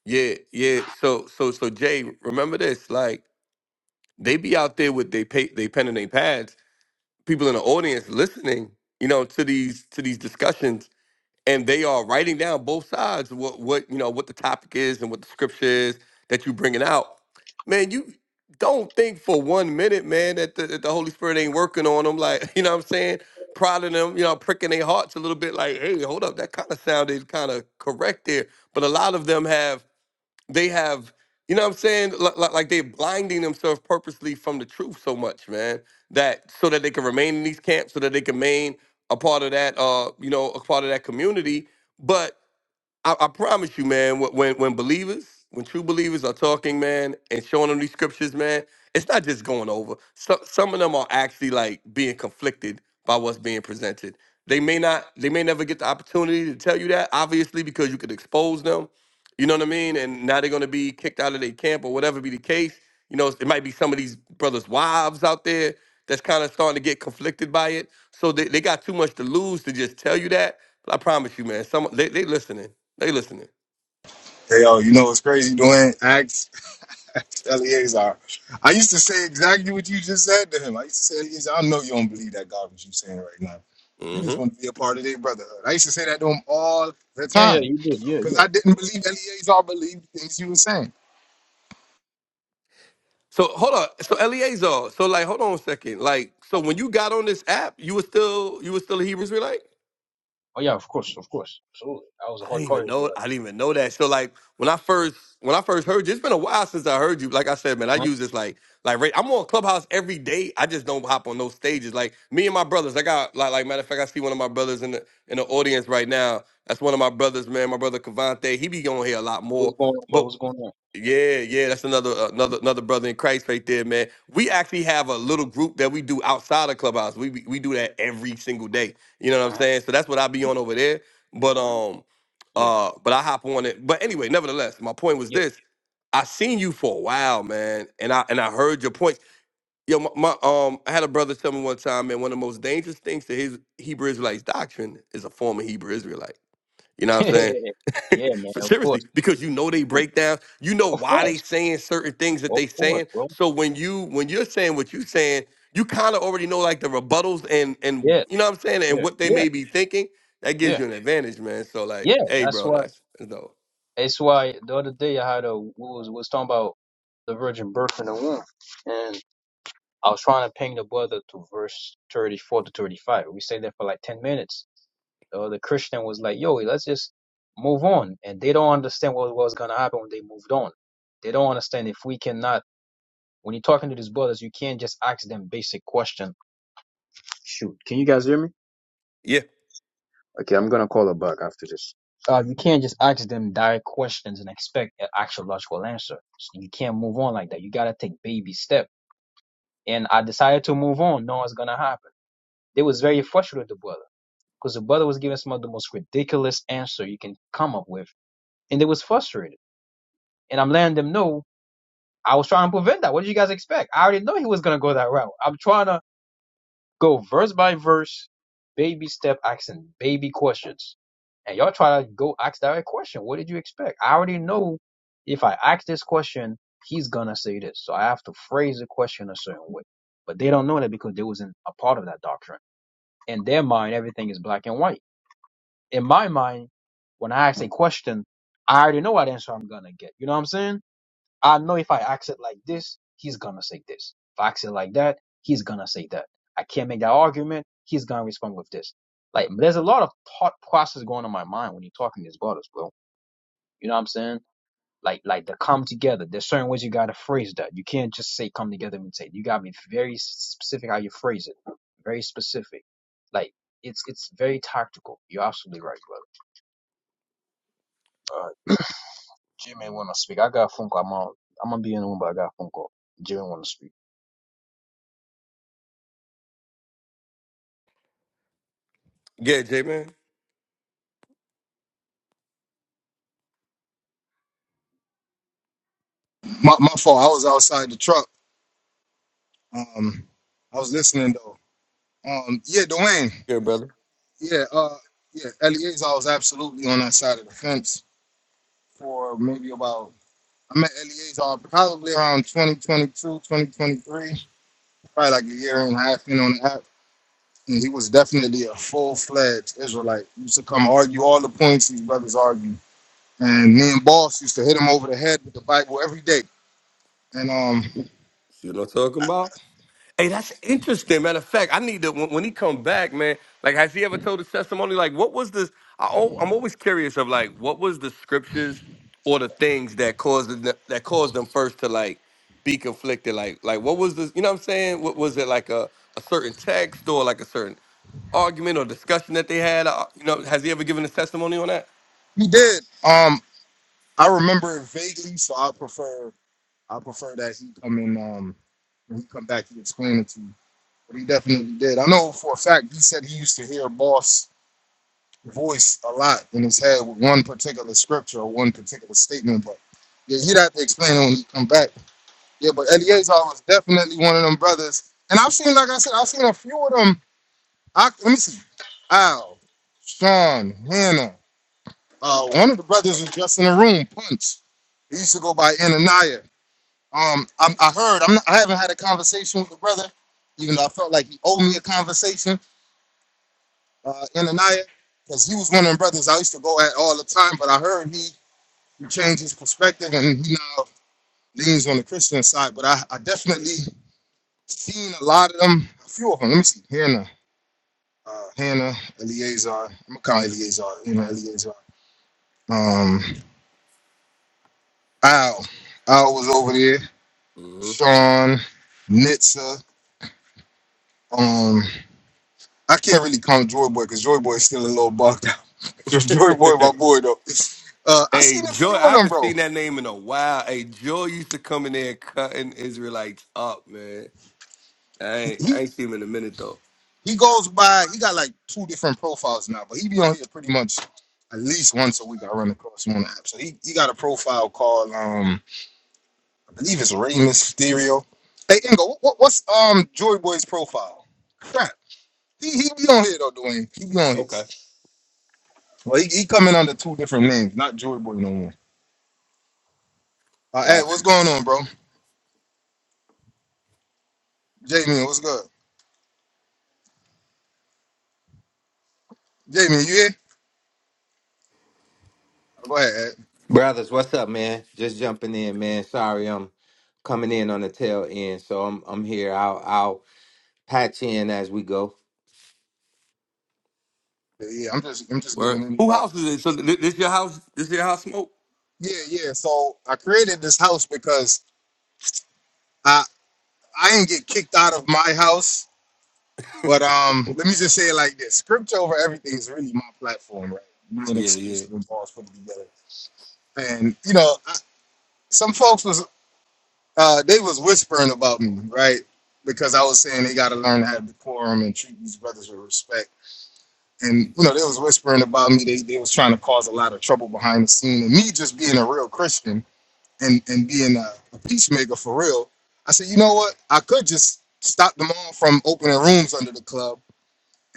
[SPEAKER 5] yeah, yeah. So, so, so, Jay, remember this. Like they be out there with they pay, they pen and they pads people in the audience listening, you know, to these to these discussions, and they are writing down both sides of what what you know what the topic is and what the scripture is that you bringing out. Man, you don't think for one minute, man, that the, that the Holy Spirit ain't working on them. Like (laughs) you know what I'm saying, prodding them, you know, pricking their hearts a little bit. Like, hey, hold up, that kind of sounded kind of correct there. But a lot of them have they have you know what i'm saying Li- li- like they're blinding themselves purposely from the truth so much man that so that they can remain in these camps so that they can remain a part of that uh you know a part of that community but. I, I promise you, man. wh- When when believers, when true believers are talking, man, and showing them these scriptures, man, it's not just going over. Some some of them are actually like being conflicted by what's being presented. They may not, they may never get the opportunity to tell you that, obviously, because you could expose them. You know what I mean? And now they're gonna be kicked out of their camp or whatever be the case. You know, it might be some of these brothers' wives out there that's kind of starting to get conflicted by it. So they, they got too much to lose to just tell you that. But I promise you, man, some they they listening they listening. hmm
[SPEAKER 1] Yeah, yeah, you did. Yeah, yeah.
[SPEAKER 2] My,
[SPEAKER 5] So hold on. So Eleazar. So like, hold on a second. Like, so when you got on this app, you were still you were still a Hebrew Israelite.
[SPEAKER 1] Oh yeah, of course, of course. Absolutely. I was a
[SPEAKER 5] I didn't even
[SPEAKER 1] hardcore
[SPEAKER 5] know.
[SPEAKER 1] Israelite.
[SPEAKER 5] I didn't even know that. So like, when I first when I first heard you, it's been a while since I heard you. Like I said, man, I
[SPEAKER 1] Huh?
[SPEAKER 5] use this like like right- I'm on Clubhouse every day. I just don't hop on those stages. Like me and my brothers. I got like like matter of fact, I see one of my brothers in the in the audience right now. That's one of my brothers, man. My brother Cavante. He be on here a lot
[SPEAKER 1] What's
[SPEAKER 5] more.
[SPEAKER 1] going on? bro? What's going on?
[SPEAKER 5] Yeah, yeah, that's another uh, another another brother in Christ right there, man. We actually have a little group that we do outside of Clubhouse. We we we do that every single day. You know what I'm
[SPEAKER 1] Uh-huh.
[SPEAKER 5] saying? So that's what I be
[SPEAKER 1] You-
[SPEAKER 5] on over there. But
[SPEAKER 1] um,
[SPEAKER 5] um,
[SPEAKER 1] Yeah.
[SPEAKER 5] uh, but I hop on it. But anyway, nevertheless, my point was this: I seen you for a while, man, and I and I heard your points. Yo, my, my um, I had a brother tell me one time, man, one of the most dangerous things to his Hebrew Israelites doctrine is a former Hebrew Israelite. You know
[SPEAKER 1] (laughs)
[SPEAKER 5] what I'm saying? (laughs)
[SPEAKER 1] yeah, man.
[SPEAKER 5] But
[SPEAKER 1] Of
[SPEAKER 5] seriously,
[SPEAKER 1] course,
[SPEAKER 5] because you know
[SPEAKER 1] of
[SPEAKER 5] they
[SPEAKER 1] course,
[SPEAKER 5] break down. you know
[SPEAKER 1] of
[SPEAKER 5] why they
[SPEAKER 1] course,
[SPEAKER 5] saying certain things that
[SPEAKER 1] of
[SPEAKER 5] they
[SPEAKER 1] course,
[SPEAKER 5] saying.
[SPEAKER 1] bro.
[SPEAKER 5] So when you when you're saying what you saying, you kind of already know like the rebuttals and and
[SPEAKER 1] Yeah,
[SPEAKER 5] you know what I'm saying and
[SPEAKER 1] yeah,
[SPEAKER 5] what they
[SPEAKER 1] yeah,
[SPEAKER 5] may be thinking. That gives
[SPEAKER 1] yeah,
[SPEAKER 5] you an advantage, man. So like,
[SPEAKER 1] yeah.
[SPEAKER 5] hey,
[SPEAKER 1] That's
[SPEAKER 5] bro,
[SPEAKER 1] why.
[SPEAKER 5] that's that's dope.
[SPEAKER 1] That's why the other day I had a we was was talking about the virgin birth in the womb, and I was trying to ping the brother to verse thirty four to thirty five. We stayed there for like ten minutes. The other Christian was like, "Yo, let's just move on," and they don't understand what was gonna happen when they moved on. They don't understand if we cannot. When you're talking to these brothers, you can't just ask them basic questions Shoot, can you guys hear me?
[SPEAKER 5] Yeah,
[SPEAKER 1] Okay, I'm gonna call a buck after this. Uh, you can't just ask them direct questions and expect an actual logical answer. So you can't move on like that. You gotta take baby step. And I decided to move on, knowing it's gonna happen. They was very frustrated with the brother because the brother was giving some of the most ridiculous answer you can come up with, and they was frustrated. And I'm letting them know I was trying to prevent that. What did you guys expect? I already know he was gonna go that route. I'm trying to Go verse by verse, baby step asking baby questions. And y'all try to go ask that question. What did you expect? I already know if I ask this question, he's gonna say this. So I have to phrase the question a certain way. But they don't know that because they wasn't a part of that doctrine. In their mind, everything is black and white. In my mind, when I ask a question, I already know what answer I'm gonna get. You know what I'm saying? I know if I ask it like this, he's gonna say this. If I ask it like that, he's gonna say that. I can't make that argument. He's gonna respond with this. Like, there's a lot of thought process going on in my mind when you're talking to these brothers, bro. You know what I'm saying? Like, like the come together. There's certain ways you gotta phrase that. You can't just say come together and say. You gotta be very specific how you phrase it. Very specific. Like, it's it's very tactical. You're absolutely right, brother. Uh, Jimmy wanna speak. I got a phone call. I'm on, I'm gonna be in the room, but I got a phone call. Jimmy wanna speak.
[SPEAKER 5] yeah, J man,
[SPEAKER 2] my fault. I was outside the truck. Um, I was listening though. Um, yeah, Dwayne.
[SPEAKER 5] yeah, brother.
[SPEAKER 2] Yeah, uh, yeah, Eliezer was absolutely on that side of the fence for maybe about I met Eleazar probably around 2022, 2023, probably like a year and a half in on the app. And he was definitely a full fledged Israelite. He used to come argue all the points these brothers argue. And me and Boss used to hit him over the head with the Bible every day. And um
[SPEAKER 5] See what I'm talking about? Hey, that's interesting. Matter of fact, I need to when, when he come back, man. Like, has he ever told his testimony? Like, what was this? I, al- I'm always curious of like, what was the scriptures or the things that caused them, that caused them first to like be conflicted? Like, like what was this? You know what I'm saying? What was it like a a certain text or like a certain argument or discussion that they had? Uh, You know, has he ever given his testimony on that?
[SPEAKER 2] he did. Um I remember it vaguely, so I prefer I prefer that he come in um when he come back he explain it to you. But he definitely did. I know for a fact he said he used to hear Boss voice a lot in his head with one particular scripture or one particular statement, but yeah, he'd have to explain it when he come back. Yeah, but Eliezer was definitely one of them brothers. And I've seen, like I said, I've seen a few of them. I, let me see. Al, Sean, Hannah. Uh, one of the brothers was just in the room, Punch. He used to go by Ananiah. Um, I, I heard, I'm not, I haven't had a conversation with the brother, even though I felt like he owed me a conversation. uh, Ananiah, because he was one of them brothers I used to go at all the time. But I heard he, he changed his perspective and he now leans on the Christian side. But I, I definitely seen a lot of them, a few of them. Let me see, Hannah, uh, Hannah, Eleazar. I'm gonna call her Eleazar, you know, Eleazar. Um, Al, Al was over there.
[SPEAKER 5] hmm
[SPEAKER 2] Sean, Nitsa. Um, I can't really call him Joy Boy because Joy Boy is still a little bugged out. (laughs)
[SPEAKER 5] (laughs)
[SPEAKER 2] Joy Boy, my boy though. Uh, I
[SPEAKER 5] hey,
[SPEAKER 2] seen a
[SPEAKER 5] Joy,
[SPEAKER 2] few
[SPEAKER 5] I
[SPEAKER 2] of them,
[SPEAKER 5] haven't
[SPEAKER 2] bro.
[SPEAKER 5] seen that name in a while. Hey, Joy used to come in there cutting Israelites up, man. I ain't,
[SPEAKER 2] He.
[SPEAKER 5] I ain't seen him in a minute though.
[SPEAKER 2] He goes by. He got like two different profiles now, but he be on here pretty much at least once a week. I run across him on the app. So he, he got a profile called um I believe it's Rey Mysterio. Hey Ingo, what, what, what's um Joy Boy's profile? Crap. He he be on here though, Dwayne. He be on here.
[SPEAKER 5] Okay.
[SPEAKER 2] Well, he, he coming under two different names, not Joy Boy no more. Uh, Ed,
[SPEAKER 5] Got you.
[SPEAKER 2] what's going on, bro? Jamie, what's good? Jamie, you here? Go ahead, Ed.
[SPEAKER 6] Brothers, what's up, man? Just jumping in, man. Sorry, I'm coming in on the tail end, so I'm I'm here. I'll I'll patch in as we go.
[SPEAKER 2] Yeah, yeah, I'm just I'm just
[SPEAKER 5] Where?
[SPEAKER 2] giving
[SPEAKER 5] Who
[SPEAKER 2] anybody.
[SPEAKER 5] house is it? So thi- this your house? This your house smoke?
[SPEAKER 2] Yeah, yeah. So I created this house because. I. I didn't get kicked out of my house, but um, let me just say it like this: scripture over everything is really my platform, right? Being
[SPEAKER 5] Yeah, yeah.
[SPEAKER 2] exclusive and balls put it together, and you know, I, some folks was uh, they was whispering about me, right? Because I was saying they got to learn to have decorum and treat these brothers with respect, and you know, they was whispering about me. They they was trying to cause a lot of trouble behind the scene, and me just being a real Christian. and and being a, a peacemaker for real. I said, you know what? I could just stop them all from opening rooms under the club,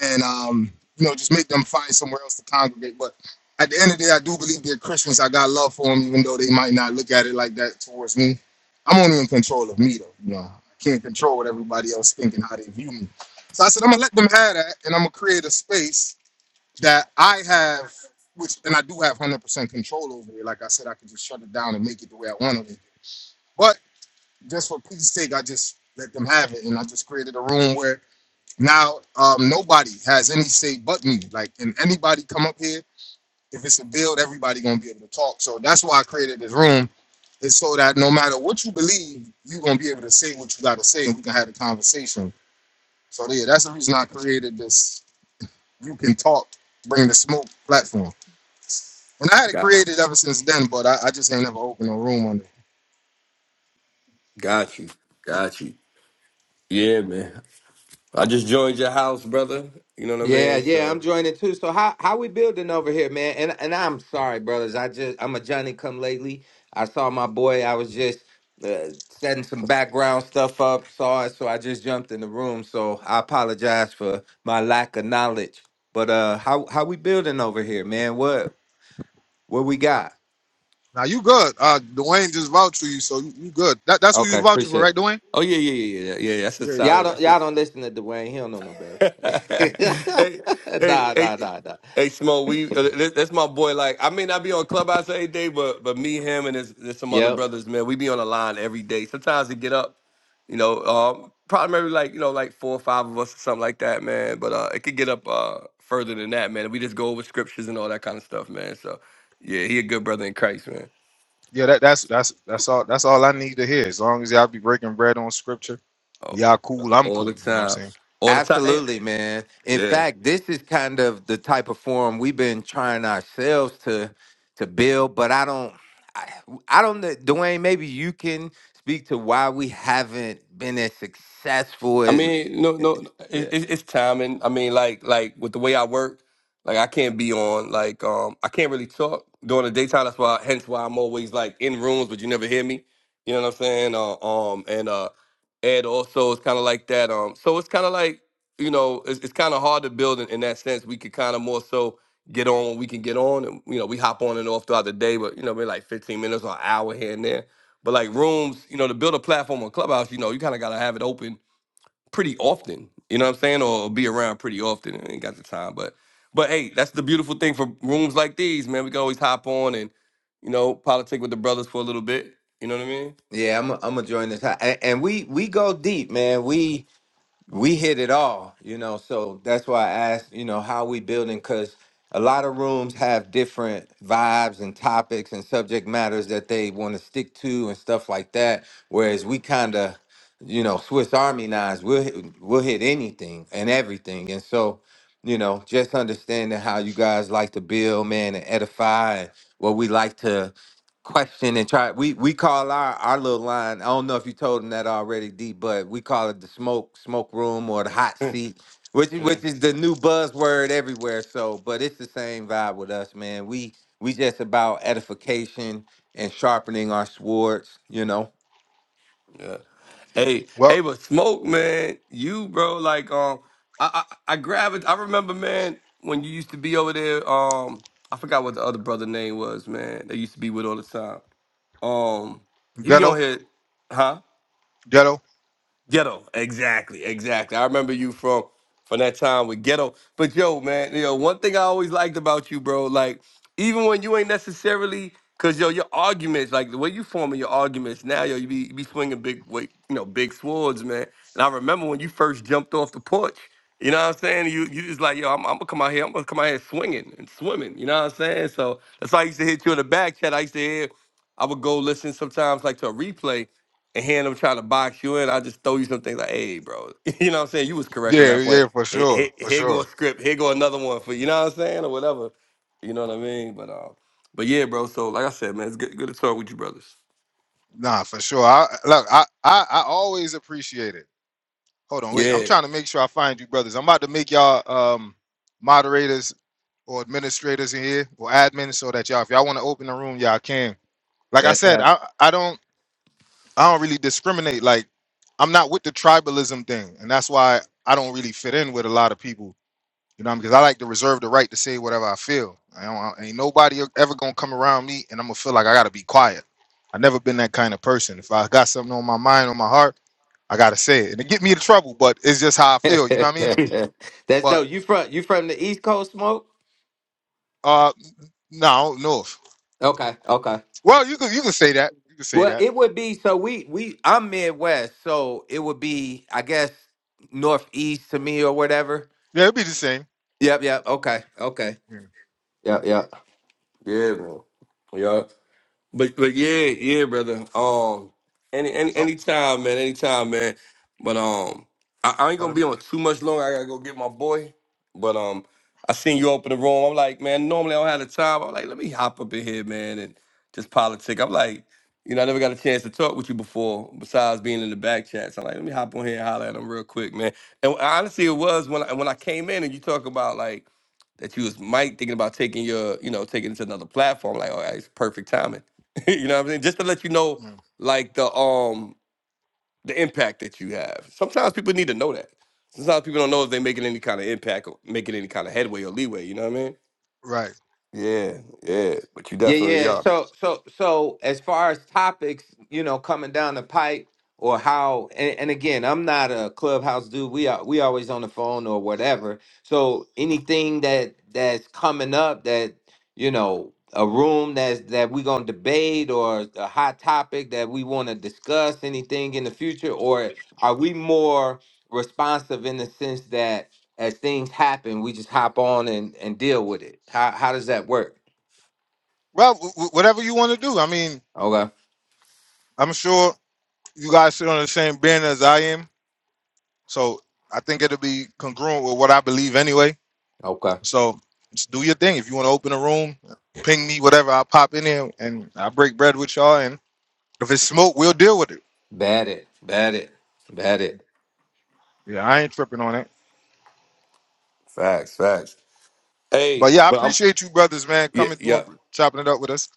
[SPEAKER 2] and um, you know, just make them find somewhere else to congregate. But at the end of the day, I do believe they're Christians. I got love for them, even though they might not look at it like that towards me. I'm only in control of me, though. You know, I can't control what everybody else thinking how they view me. So I said, I'm gonna let them have that, and I'm gonna create a space that I have, which and I do have 100% control over it. Like I said, I can just shut it down and make it the way I want it but just for peace sake, I just let them have it. And I just created a room where now um, nobody has any say but me. Like, and anybody come up here, if it's a build, everybody gonna be able to talk. So that's why I created this room. is so that no matter what you believe, you're gonna be able to say what you gotta say and we can have a conversation. So yeah, that's the reason I created this you can talk, bring the smoke platform. And I had it
[SPEAKER 5] Got,
[SPEAKER 2] created ever since then, but I, I just ain't never opened a room on it.
[SPEAKER 5] got you, got you. Yeah, man. I just joined your house, brother. You know what I
[SPEAKER 6] Yeah,
[SPEAKER 5] mean?
[SPEAKER 6] yeah, I'm
[SPEAKER 5] So,
[SPEAKER 6] joining too. So how how we building over here, man? And and I'm sorry, brothers. I just I'm a Johnny come lately. I saw my boy. I was just uh, setting some background stuff up. Saw it, so I just jumped in the room. So I apologize for my lack of knowledge. But uh, how how we building over here, man? What what we got?
[SPEAKER 2] Now you good. Uh, Dwayne just vouched for you, so you, you good. That, that's who you
[SPEAKER 6] Okay,
[SPEAKER 2] vouching for,
[SPEAKER 6] appreciate it.
[SPEAKER 2] right, Dwayne?
[SPEAKER 5] oh yeah, yeah, yeah, yeah, yeah. That's a
[SPEAKER 2] Yeah, yeah.
[SPEAKER 6] Y'all don't
[SPEAKER 5] solid.
[SPEAKER 6] y'all don't listen to Dwayne. He don't know no better.
[SPEAKER 5] (laughs)
[SPEAKER 6] (laughs)
[SPEAKER 5] hey, hey,
[SPEAKER 6] nah, nah,
[SPEAKER 5] hey,
[SPEAKER 6] nah, nah.
[SPEAKER 5] hey, Smo, we uh, th- that's my boy. Like, I may not be on Clubhouse every day, but but me, him, and there's, there's some other
[SPEAKER 6] Yep.
[SPEAKER 5] brothers, man. We be on the line every day. Sometimes we get up, you know, um, probably maybe like you know, like four or five of us or something like that, man. But uh, it could get up uh further than that, man. We just go over scriptures and all that kind of stuff, man. So yeah, he a good brother in Christ, man.
[SPEAKER 2] Yeah, That, that's that's that's all. That's all I need to hear. As long as y'all be breaking bread on scripture,
[SPEAKER 5] Oh,
[SPEAKER 2] y'all
[SPEAKER 5] uh,
[SPEAKER 2] cool. I'm
[SPEAKER 5] all
[SPEAKER 2] cool. You
[SPEAKER 5] the
[SPEAKER 2] know what I'm
[SPEAKER 5] time,
[SPEAKER 2] saying?
[SPEAKER 5] all the time. Hey,
[SPEAKER 6] Absolutely, man. In
[SPEAKER 5] yeah.
[SPEAKER 6] fact, this is kind of the type of forum we've been trying ourselves to to build, but I don't I, I don't know, Dwayne, maybe you can speak to why we haven't been as successful
[SPEAKER 5] I
[SPEAKER 6] as
[SPEAKER 5] mean, no, no, it,
[SPEAKER 6] yeah.
[SPEAKER 5] it, it's timing. I mean, like, like with the way I work, like I can't be on, like, um, I can't really talk during the daytime. That's why, hence why I'm always like in rooms, but you never hear me. You know what I'm saying? Uh, um, and uh, Ed also is kind of like that. Um, so it's kind of like, you know, it's, it's kind of hard to build in, in that sense. We could kind of more so get on when we can get on, and you know, we hop on and off throughout the day, but you know, maybe like 15 minutes or an hour here and there. But like rooms, you know, to build a platform on Clubhouse, you know, you kind of gotta have it open pretty often. You know what I'm saying? Or be around pretty often. I ain't got the time, but but hey, that's the beautiful thing for rooms like these, man. We can always hop on and you know politic with the brothers for a little bit. You know what I
[SPEAKER 6] Yeah, I'm i I'm gonna join this. And, and we we go deep, man. We we hit it all, you know. So that's why I asked, you know, how we building because a lot of rooms have different vibes and topics and subject matters that they want to stick to and stuff like that. Whereas we kind of, you know, Swiss Army knives, we'll hit, we'll hit anything and everything. And so, you know, just understanding how you guys like to build, man, and edify, and what we like to question and try we we call our our little line i don't know if you told them that already d but we call it the smoke smoke room or the hot
[SPEAKER 5] mean?
[SPEAKER 6] seat which
[SPEAKER 5] (laughs)
[SPEAKER 6] is
[SPEAKER 5] yeah.
[SPEAKER 6] which is the new buzzword everywhere so but it's the same vibe with us man we we just about edification and sharpening our swords you know
[SPEAKER 5] yeah. Hey,
[SPEAKER 2] Well,
[SPEAKER 5] hey, but smoke, man. You, bro, like um, I I, I grabbed. I remember, man, when you used to be over there. Um, I forgot what the other brother name was, man. That used to be with all the time. Um, he be on
[SPEAKER 2] ghetto,
[SPEAKER 5] here, huh?
[SPEAKER 2] ghetto.
[SPEAKER 5] Ghetto, exactly, exactly. I remember you from from that time with Ghetto. But yo, man, you know one thing I always liked about you, bro. Like even when you ain't necessarily, cause yo, your arguments, like the way you forming your arguments now, yo, you be you be swinging big weight, you know, big swords, man. And I remember when you first jumped off the porch. You know what I'm saying? You you just like yo, I'm, I'm gonna come out here, I'm gonna come out here swinging and swimming. You know what I'm saying? So that's why I used to hit you in the back chat. I used to hear, I would go listen sometimes like to a replay, and hearing them trying to box you in, I just throw you some things like, hey, bro, (laughs) you know what I'm saying? You was correct on
[SPEAKER 2] Yeah,
[SPEAKER 5] that point.
[SPEAKER 2] yeah, for
[SPEAKER 5] Here, here,
[SPEAKER 2] sure, for
[SPEAKER 5] here go a
[SPEAKER 2] sure.
[SPEAKER 5] script, here go another one for you know what I'm saying, or whatever. You know what I mean? But uh, but yeah, bro. So like I said, man, it's good, good to talk with you, brothers.
[SPEAKER 2] Nah, for sure. I look. I I, I always appreciate it. Hold on, wait. I'm
[SPEAKER 5] Yeah,
[SPEAKER 2] trying to make sure I find you, brothers. I'm about to make y'all um moderators or administrators in here or admins, so that y'all, if y'all want to open the room, y'all can. Like I
[SPEAKER 6] that's
[SPEAKER 2] said,
[SPEAKER 6] right.
[SPEAKER 2] I I don't. I don't really discriminate. Like I'm not with the tribalism thing, and that's why I don't really fit in with a lot of people. You know, because I like to reserve the right to say whatever I feel. I don't, I- ain't nobody e-, ever gonna come around me, and I'm gonna feel like I gotta be quiet. i never been that kind of person. If I got something on my mind, on my heart, I gotta say it, and it get me into trouble. But it's just how I feel. You know what I mean?
[SPEAKER 5] (laughs)
[SPEAKER 6] (laughs) that's
[SPEAKER 2] But
[SPEAKER 6] dope you from you from the east coast smoke
[SPEAKER 2] uh, no, no.
[SPEAKER 6] okay okay
[SPEAKER 2] Well, you could you could say that. You could say
[SPEAKER 6] Well,
[SPEAKER 2] that.
[SPEAKER 6] it would be so we we I'm Midwest, so it would be I guess northeast to me or whatever.
[SPEAKER 2] Yeah, it'd be the same.
[SPEAKER 6] Yep, yep. Okay, okay.
[SPEAKER 2] Yeah. yeah.
[SPEAKER 6] Yep, yep.
[SPEAKER 5] yeah, man. Yeah. But but yeah, yeah, brother. Um, any any
[SPEAKER 2] So,
[SPEAKER 5] anytime, man, anytime, man. But um, I, I ain't gonna
[SPEAKER 2] pardon me.
[SPEAKER 5] be on too much longer. I gotta go get my boy. But um, I seen you open the room. I'm like, man, normally I don't have the time. I'm like, let me hop up in here, man, and just politic. I'm like, you know, I never got a chance to talk with you before, besides being in the back chats. I'm like, let me hop on here and holler at him real quick, man. And honestly, it was when I, when I came in and you talk about like that you was Mike thinking about taking your, you know, taking it to another platform. Like, all right, it's perfect timing. (laughs) you know what I'm saying? Just to let you know,
[SPEAKER 2] Yeah,
[SPEAKER 5] like the um the impact that you have. Sometimes people need to know that. Sometimes people don't know if they're making any kind of impact or making any kind of headway or leeway. You know what I mean?
[SPEAKER 2] Right.
[SPEAKER 5] Yeah, yeah. But you
[SPEAKER 6] Yeah,
[SPEAKER 5] definitely
[SPEAKER 6] yeah.
[SPEAKER 5] are.
[SPEAKER 6] So, so, so as far as topics, you know, coming down the pipe or how, and, and again, I'm not a clubhouse dude. We are, we always on the phone or whatever. So anything that that's coming up that, you know, a room that's that we gonna debate or a hot topic that we want to discuss anything in the future, or are we more responsive in the sense that as things happen, we just hop on and and deal with it? How how does that work?
[SPEAKER 2] Well, w- w- whatever you want to do. I mean,
[SPEAKER 6] Okay.
[SPEAKER 2] I'm sure you guys sit on the same band as I am, so I think it'll be congruent with what I believe anyway.
[SPEAKER 6] Okay.
[SPEAKER 2] So just do your thing. If you want to open a room, ping me, whatever. I'll pop in there and I break bread with y'all. And if it's smoke, we'll deal with it.
[SPEAKER 6] Bat it. Bat it. Bat it.
[SPEAKER 2] Yeah, I ain't tripping on it.
[SPEAKER 5] Facts, facts.
[SPEAKER 2] But
[SPEAKER 5] Hey,
[SPEAKER 2] yeah, I
[SPEAKER 5] but I'm
[SPEAKER 2] appreciate you, brothers, man,
[SPEAKER 5] yeah,
[SPEAKER 2] coming through
[SPEAKER 5] yeah.
[SPEAKER 2] and chopping it up with us.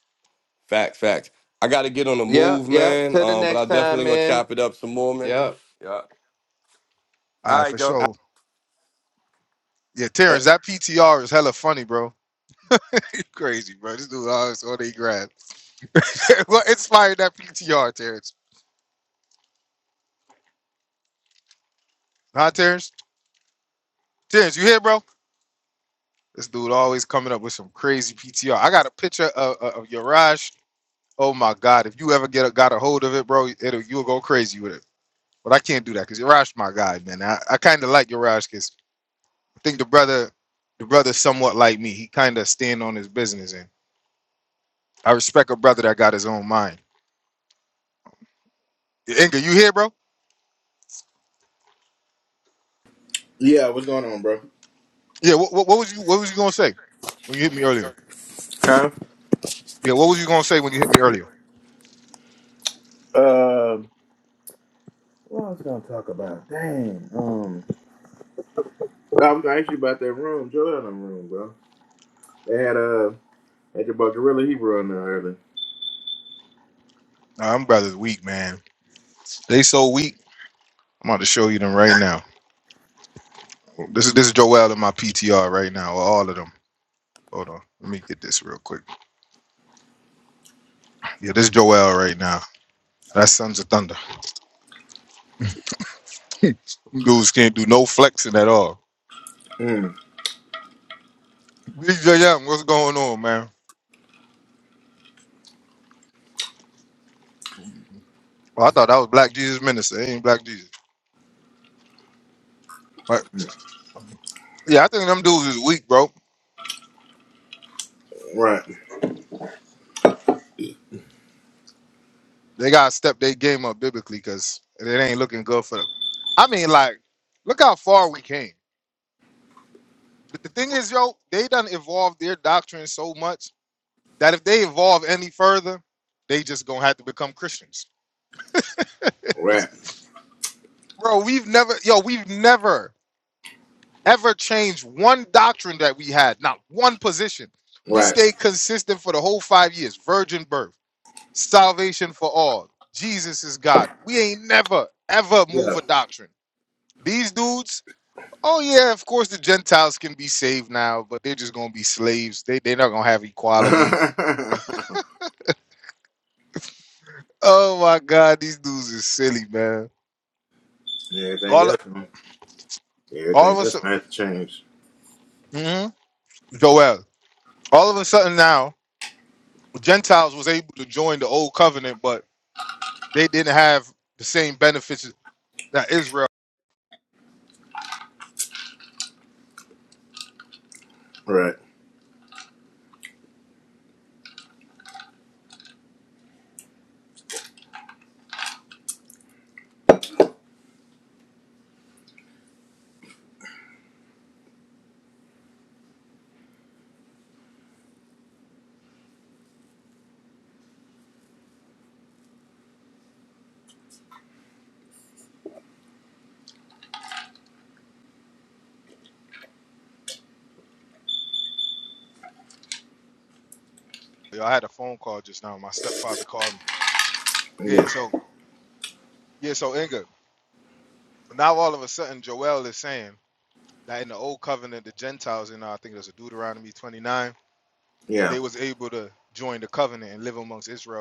[SPEAKER 5] Facts, facts. I gotta get on the
[SPEAKER 6] Yep.
[SPEAKER 5] move,
[SPEAKER 6] Yep.
[SPEAKER 5] man.
[SPEAKER 6] Till the
[SPEAKER 5] Um, but I
[SPEAKER 6] next time,
[SPEAKER 5] definitely gonna
[SPEAKER 6] man.
[SPEAKER 5] chop it up some more, man.
[SPEAKER 6] Yep.
[SPEAKER 5] Yeah.
[SPEAKER 2] All
[SPEAKER 5] All
[SPEAKER 2] right,
[SPEAKER 5] right,
[SPEAKER 2] for
[SPEAKER 5] though.
[SPEAKER 2] sure. Yeah, Terrence, that PTR is hella funny, bro. (laughs) You crazy, bro. This dude always on they grab. (laughs) what inspired that PTR, Terrence? Huh, Terrence? Terrence, you here, bro? This dude always coming up with some crazy PTR. I got a picture of, of, of Yaraj. Oh my god, if you ever get a, got a hold of it, bro, it'll you'll go crazy with it. But I can't do that because Yaraj, my guy, man. I, I kind of like Yaraj because I think the brother, the brother's somewhat like me. He kind of stand on his business, and I respect a brother that got his own mind. Yeah, Inga, you here, bro?
[SPEAKER 7] Yeah, what's going on, bro?
[SPEAKER 2] Yeah. What, what, what was you What was you gonna say when you hit me earlier?
[SPEAKER 7] Huh?
[SPEAKER 2] Yeah. What was you gonna say when you hit me earlier?
[SPEAKER 7] Uh, what I was gonna talk about? Dang. Um. I was going to ask you about that room, Joel room, bro. They had uh had your boy Gorilla Hebrew on there earlier.
[SPEAKER 2] Nah, them brothers weak, man. They so weak. I'm about to show you them right now. This is this is Joel in my PTR right now, or all of them. Hold on, let me get this real quick. Yeah, this is Joel right now. That's Sons of Thunder. (laughs) Dudes can't do no flexing at all.
[SPEAKER 7] Mm,
[SPEAKER 2] DJ Young, what's going on, man? Well, I thought that was Black Jesus Minister. It ain't Black Jesus. But yeah, I think them dudes is weak, bro.
[SPEAKER 7] right,
[SPEAKER 2] They gotta step their game up biblically because it ain't looking good for them. I mean, like, look how far we came. But the thing is, yo, they done evolved their doctrine so much that if they evolve any further, they just gonna have to become Christians. (laughs) It's-
[SPEAKER 7] right,
[SPEAKER 2] Bro, we've never, yo, we've never ever changed one doctrine that we had, not one position. We
[SPEAKER 7] right.
[SPEAKER 2] stayed consistent for the whole five years. Virgin birth, salvation for all. Jesus is God. We ain't never ever move
[SPEAKER 7] Yeah.
[SPEAKER 2] a doctrine. These dudes, oh yeah, of course the Gentiles can be saved now, but they're just gonna be slaves. They they're not gonna have equality.
[SPEAKER 7] (laughs)
[SPEAKER 2] Oh my God, these dudes is silly, man.
[SPEAKER 7] Everything
[SPEAKER 2] All
[SPEAKER 7] else, man. Yeah,
[SPEAKER 2] all of
[SPEAKER 7] Everything
[SPEAKER 2] us.
[SPEAKER 7] else has to change.
[SPEAKER 2] hmm Joel. All of a sudden now, Gentiles was able to join the old covenant, but they didn't have the same benefits that Israel
[SPEAKER 7] Right. Yeah.
[SPEAKER 2] had,
[SPEAKER 7] Yeah.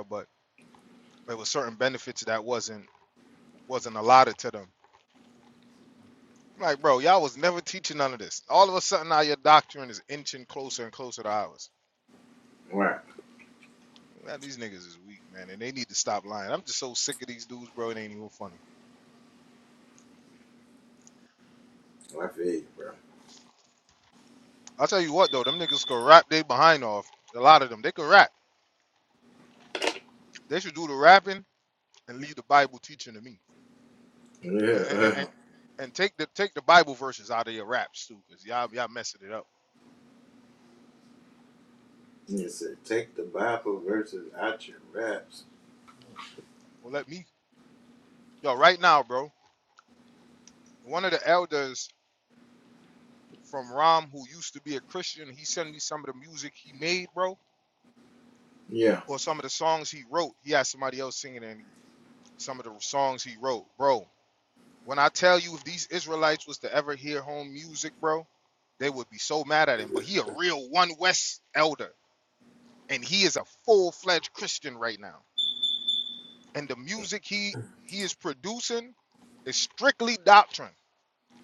[SPEAKER 2] but then them. I was never teaching none of this. All of a sudden now your doctrine is inching closer and closer to ours.
[SPEAKER 7] Right.
[SPEAKER 2] Man, these niggas is weak, man, and they need to stop lying. I'm just so sick of these dudes, bro. It ain't even funny.
[SPEAKER 7] Well, I feel you, bro.
[SPEAKER 2] I'll tell you what though, them niggas could rap they behind off. A lot of them. They could rap. They should do the rapping and leave the Bible teaching to me. And and,
[SPEAKER 7] Yeah.
[SPEAKER 2] and take the take the Bible verses out of your raps too, cause y'all y'all messing it up.
[SPEAKER 7] You said take the Bible verses out your raps.
[SPEAKER 2] Well, let me yo right now, bro. One of the elders from Ram, who used to be a Christian, he sent me some of the music he made, bro,
[SPEAKER 7] Yeah.
[SPEAKER 2] or some of the songs he wrote. He had somebody else singing in some of the songs he wrote, bro. When I tell you, if these Israelites was to ever hear home music, bro, they would be so mad at him. But he a real one West elder, and he is a full fledged Christian right now. and the music he he is producing is strictly doctrine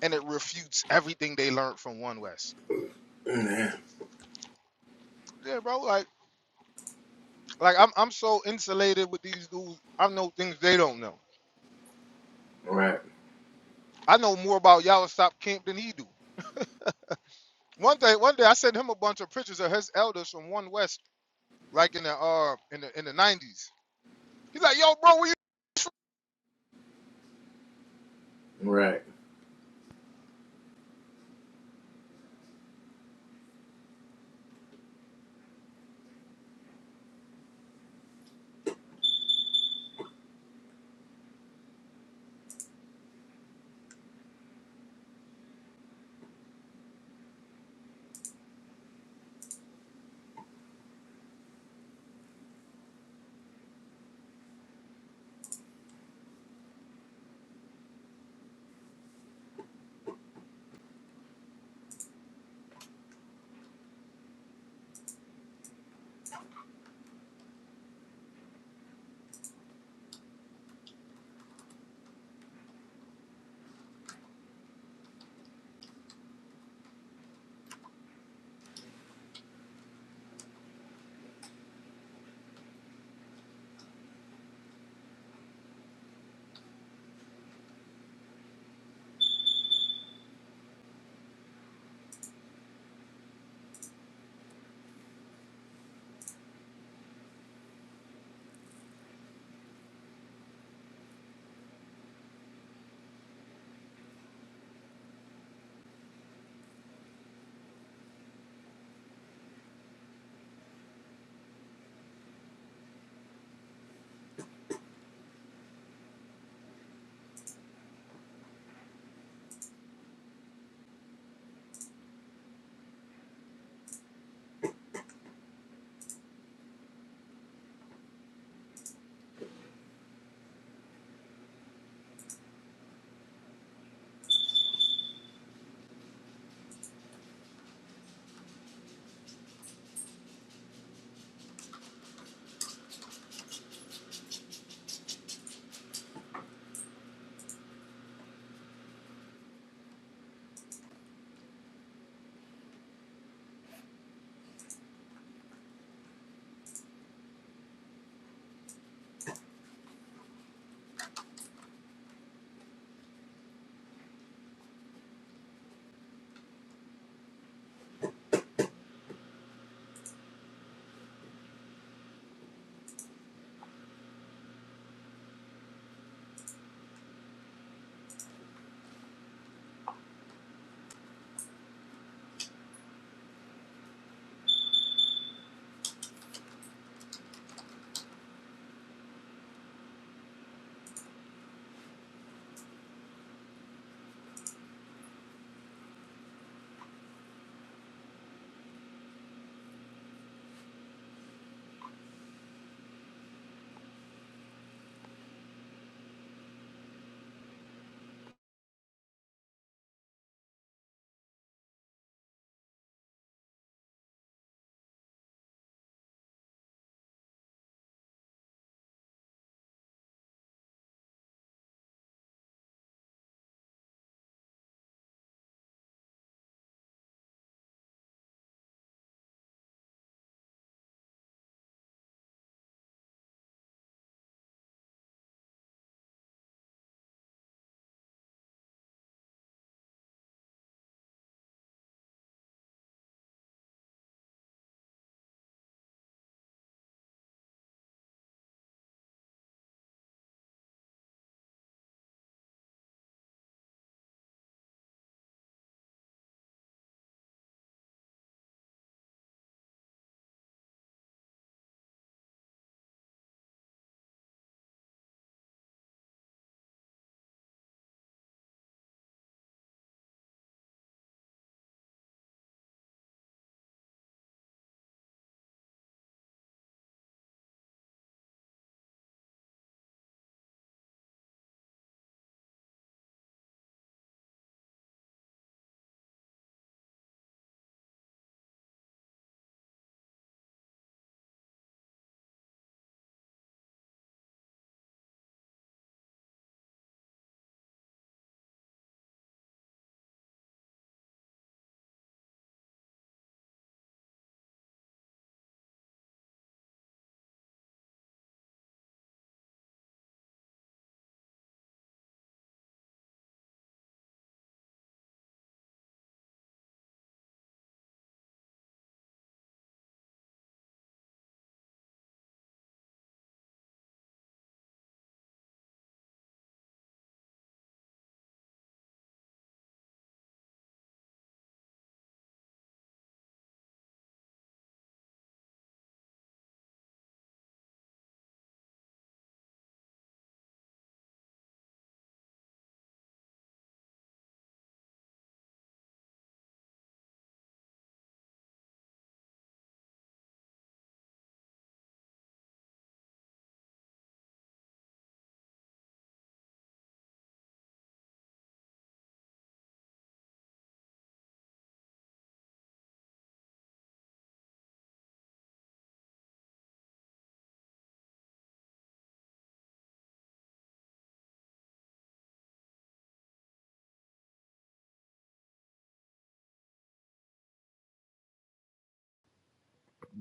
[SPEAKER 2] and it refutes everything they learned from one west
[SPEAKER 7] (clears throat) Man.
[SPEAKER 2] yeah bro like like i'm, I'm so insulated with these dudes i know things they don't know
[SPEAKER 7] Right.
[SPEAKER 2] i know more about y'all stop camp than he do one day one day i sent him a bunch of pictures of his elders from one west like in the uh in the in the 90s he's like yo bro we
[SPEAKER 7] Right.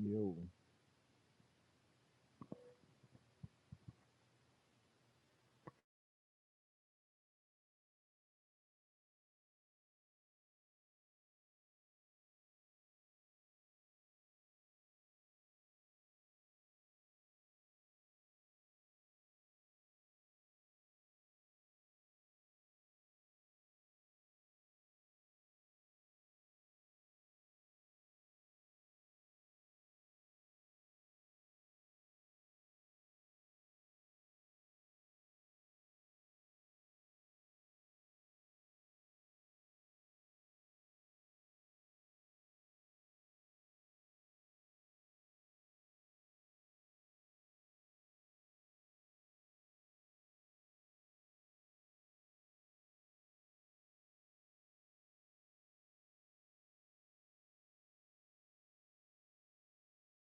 [SPEAKER 4] Yo.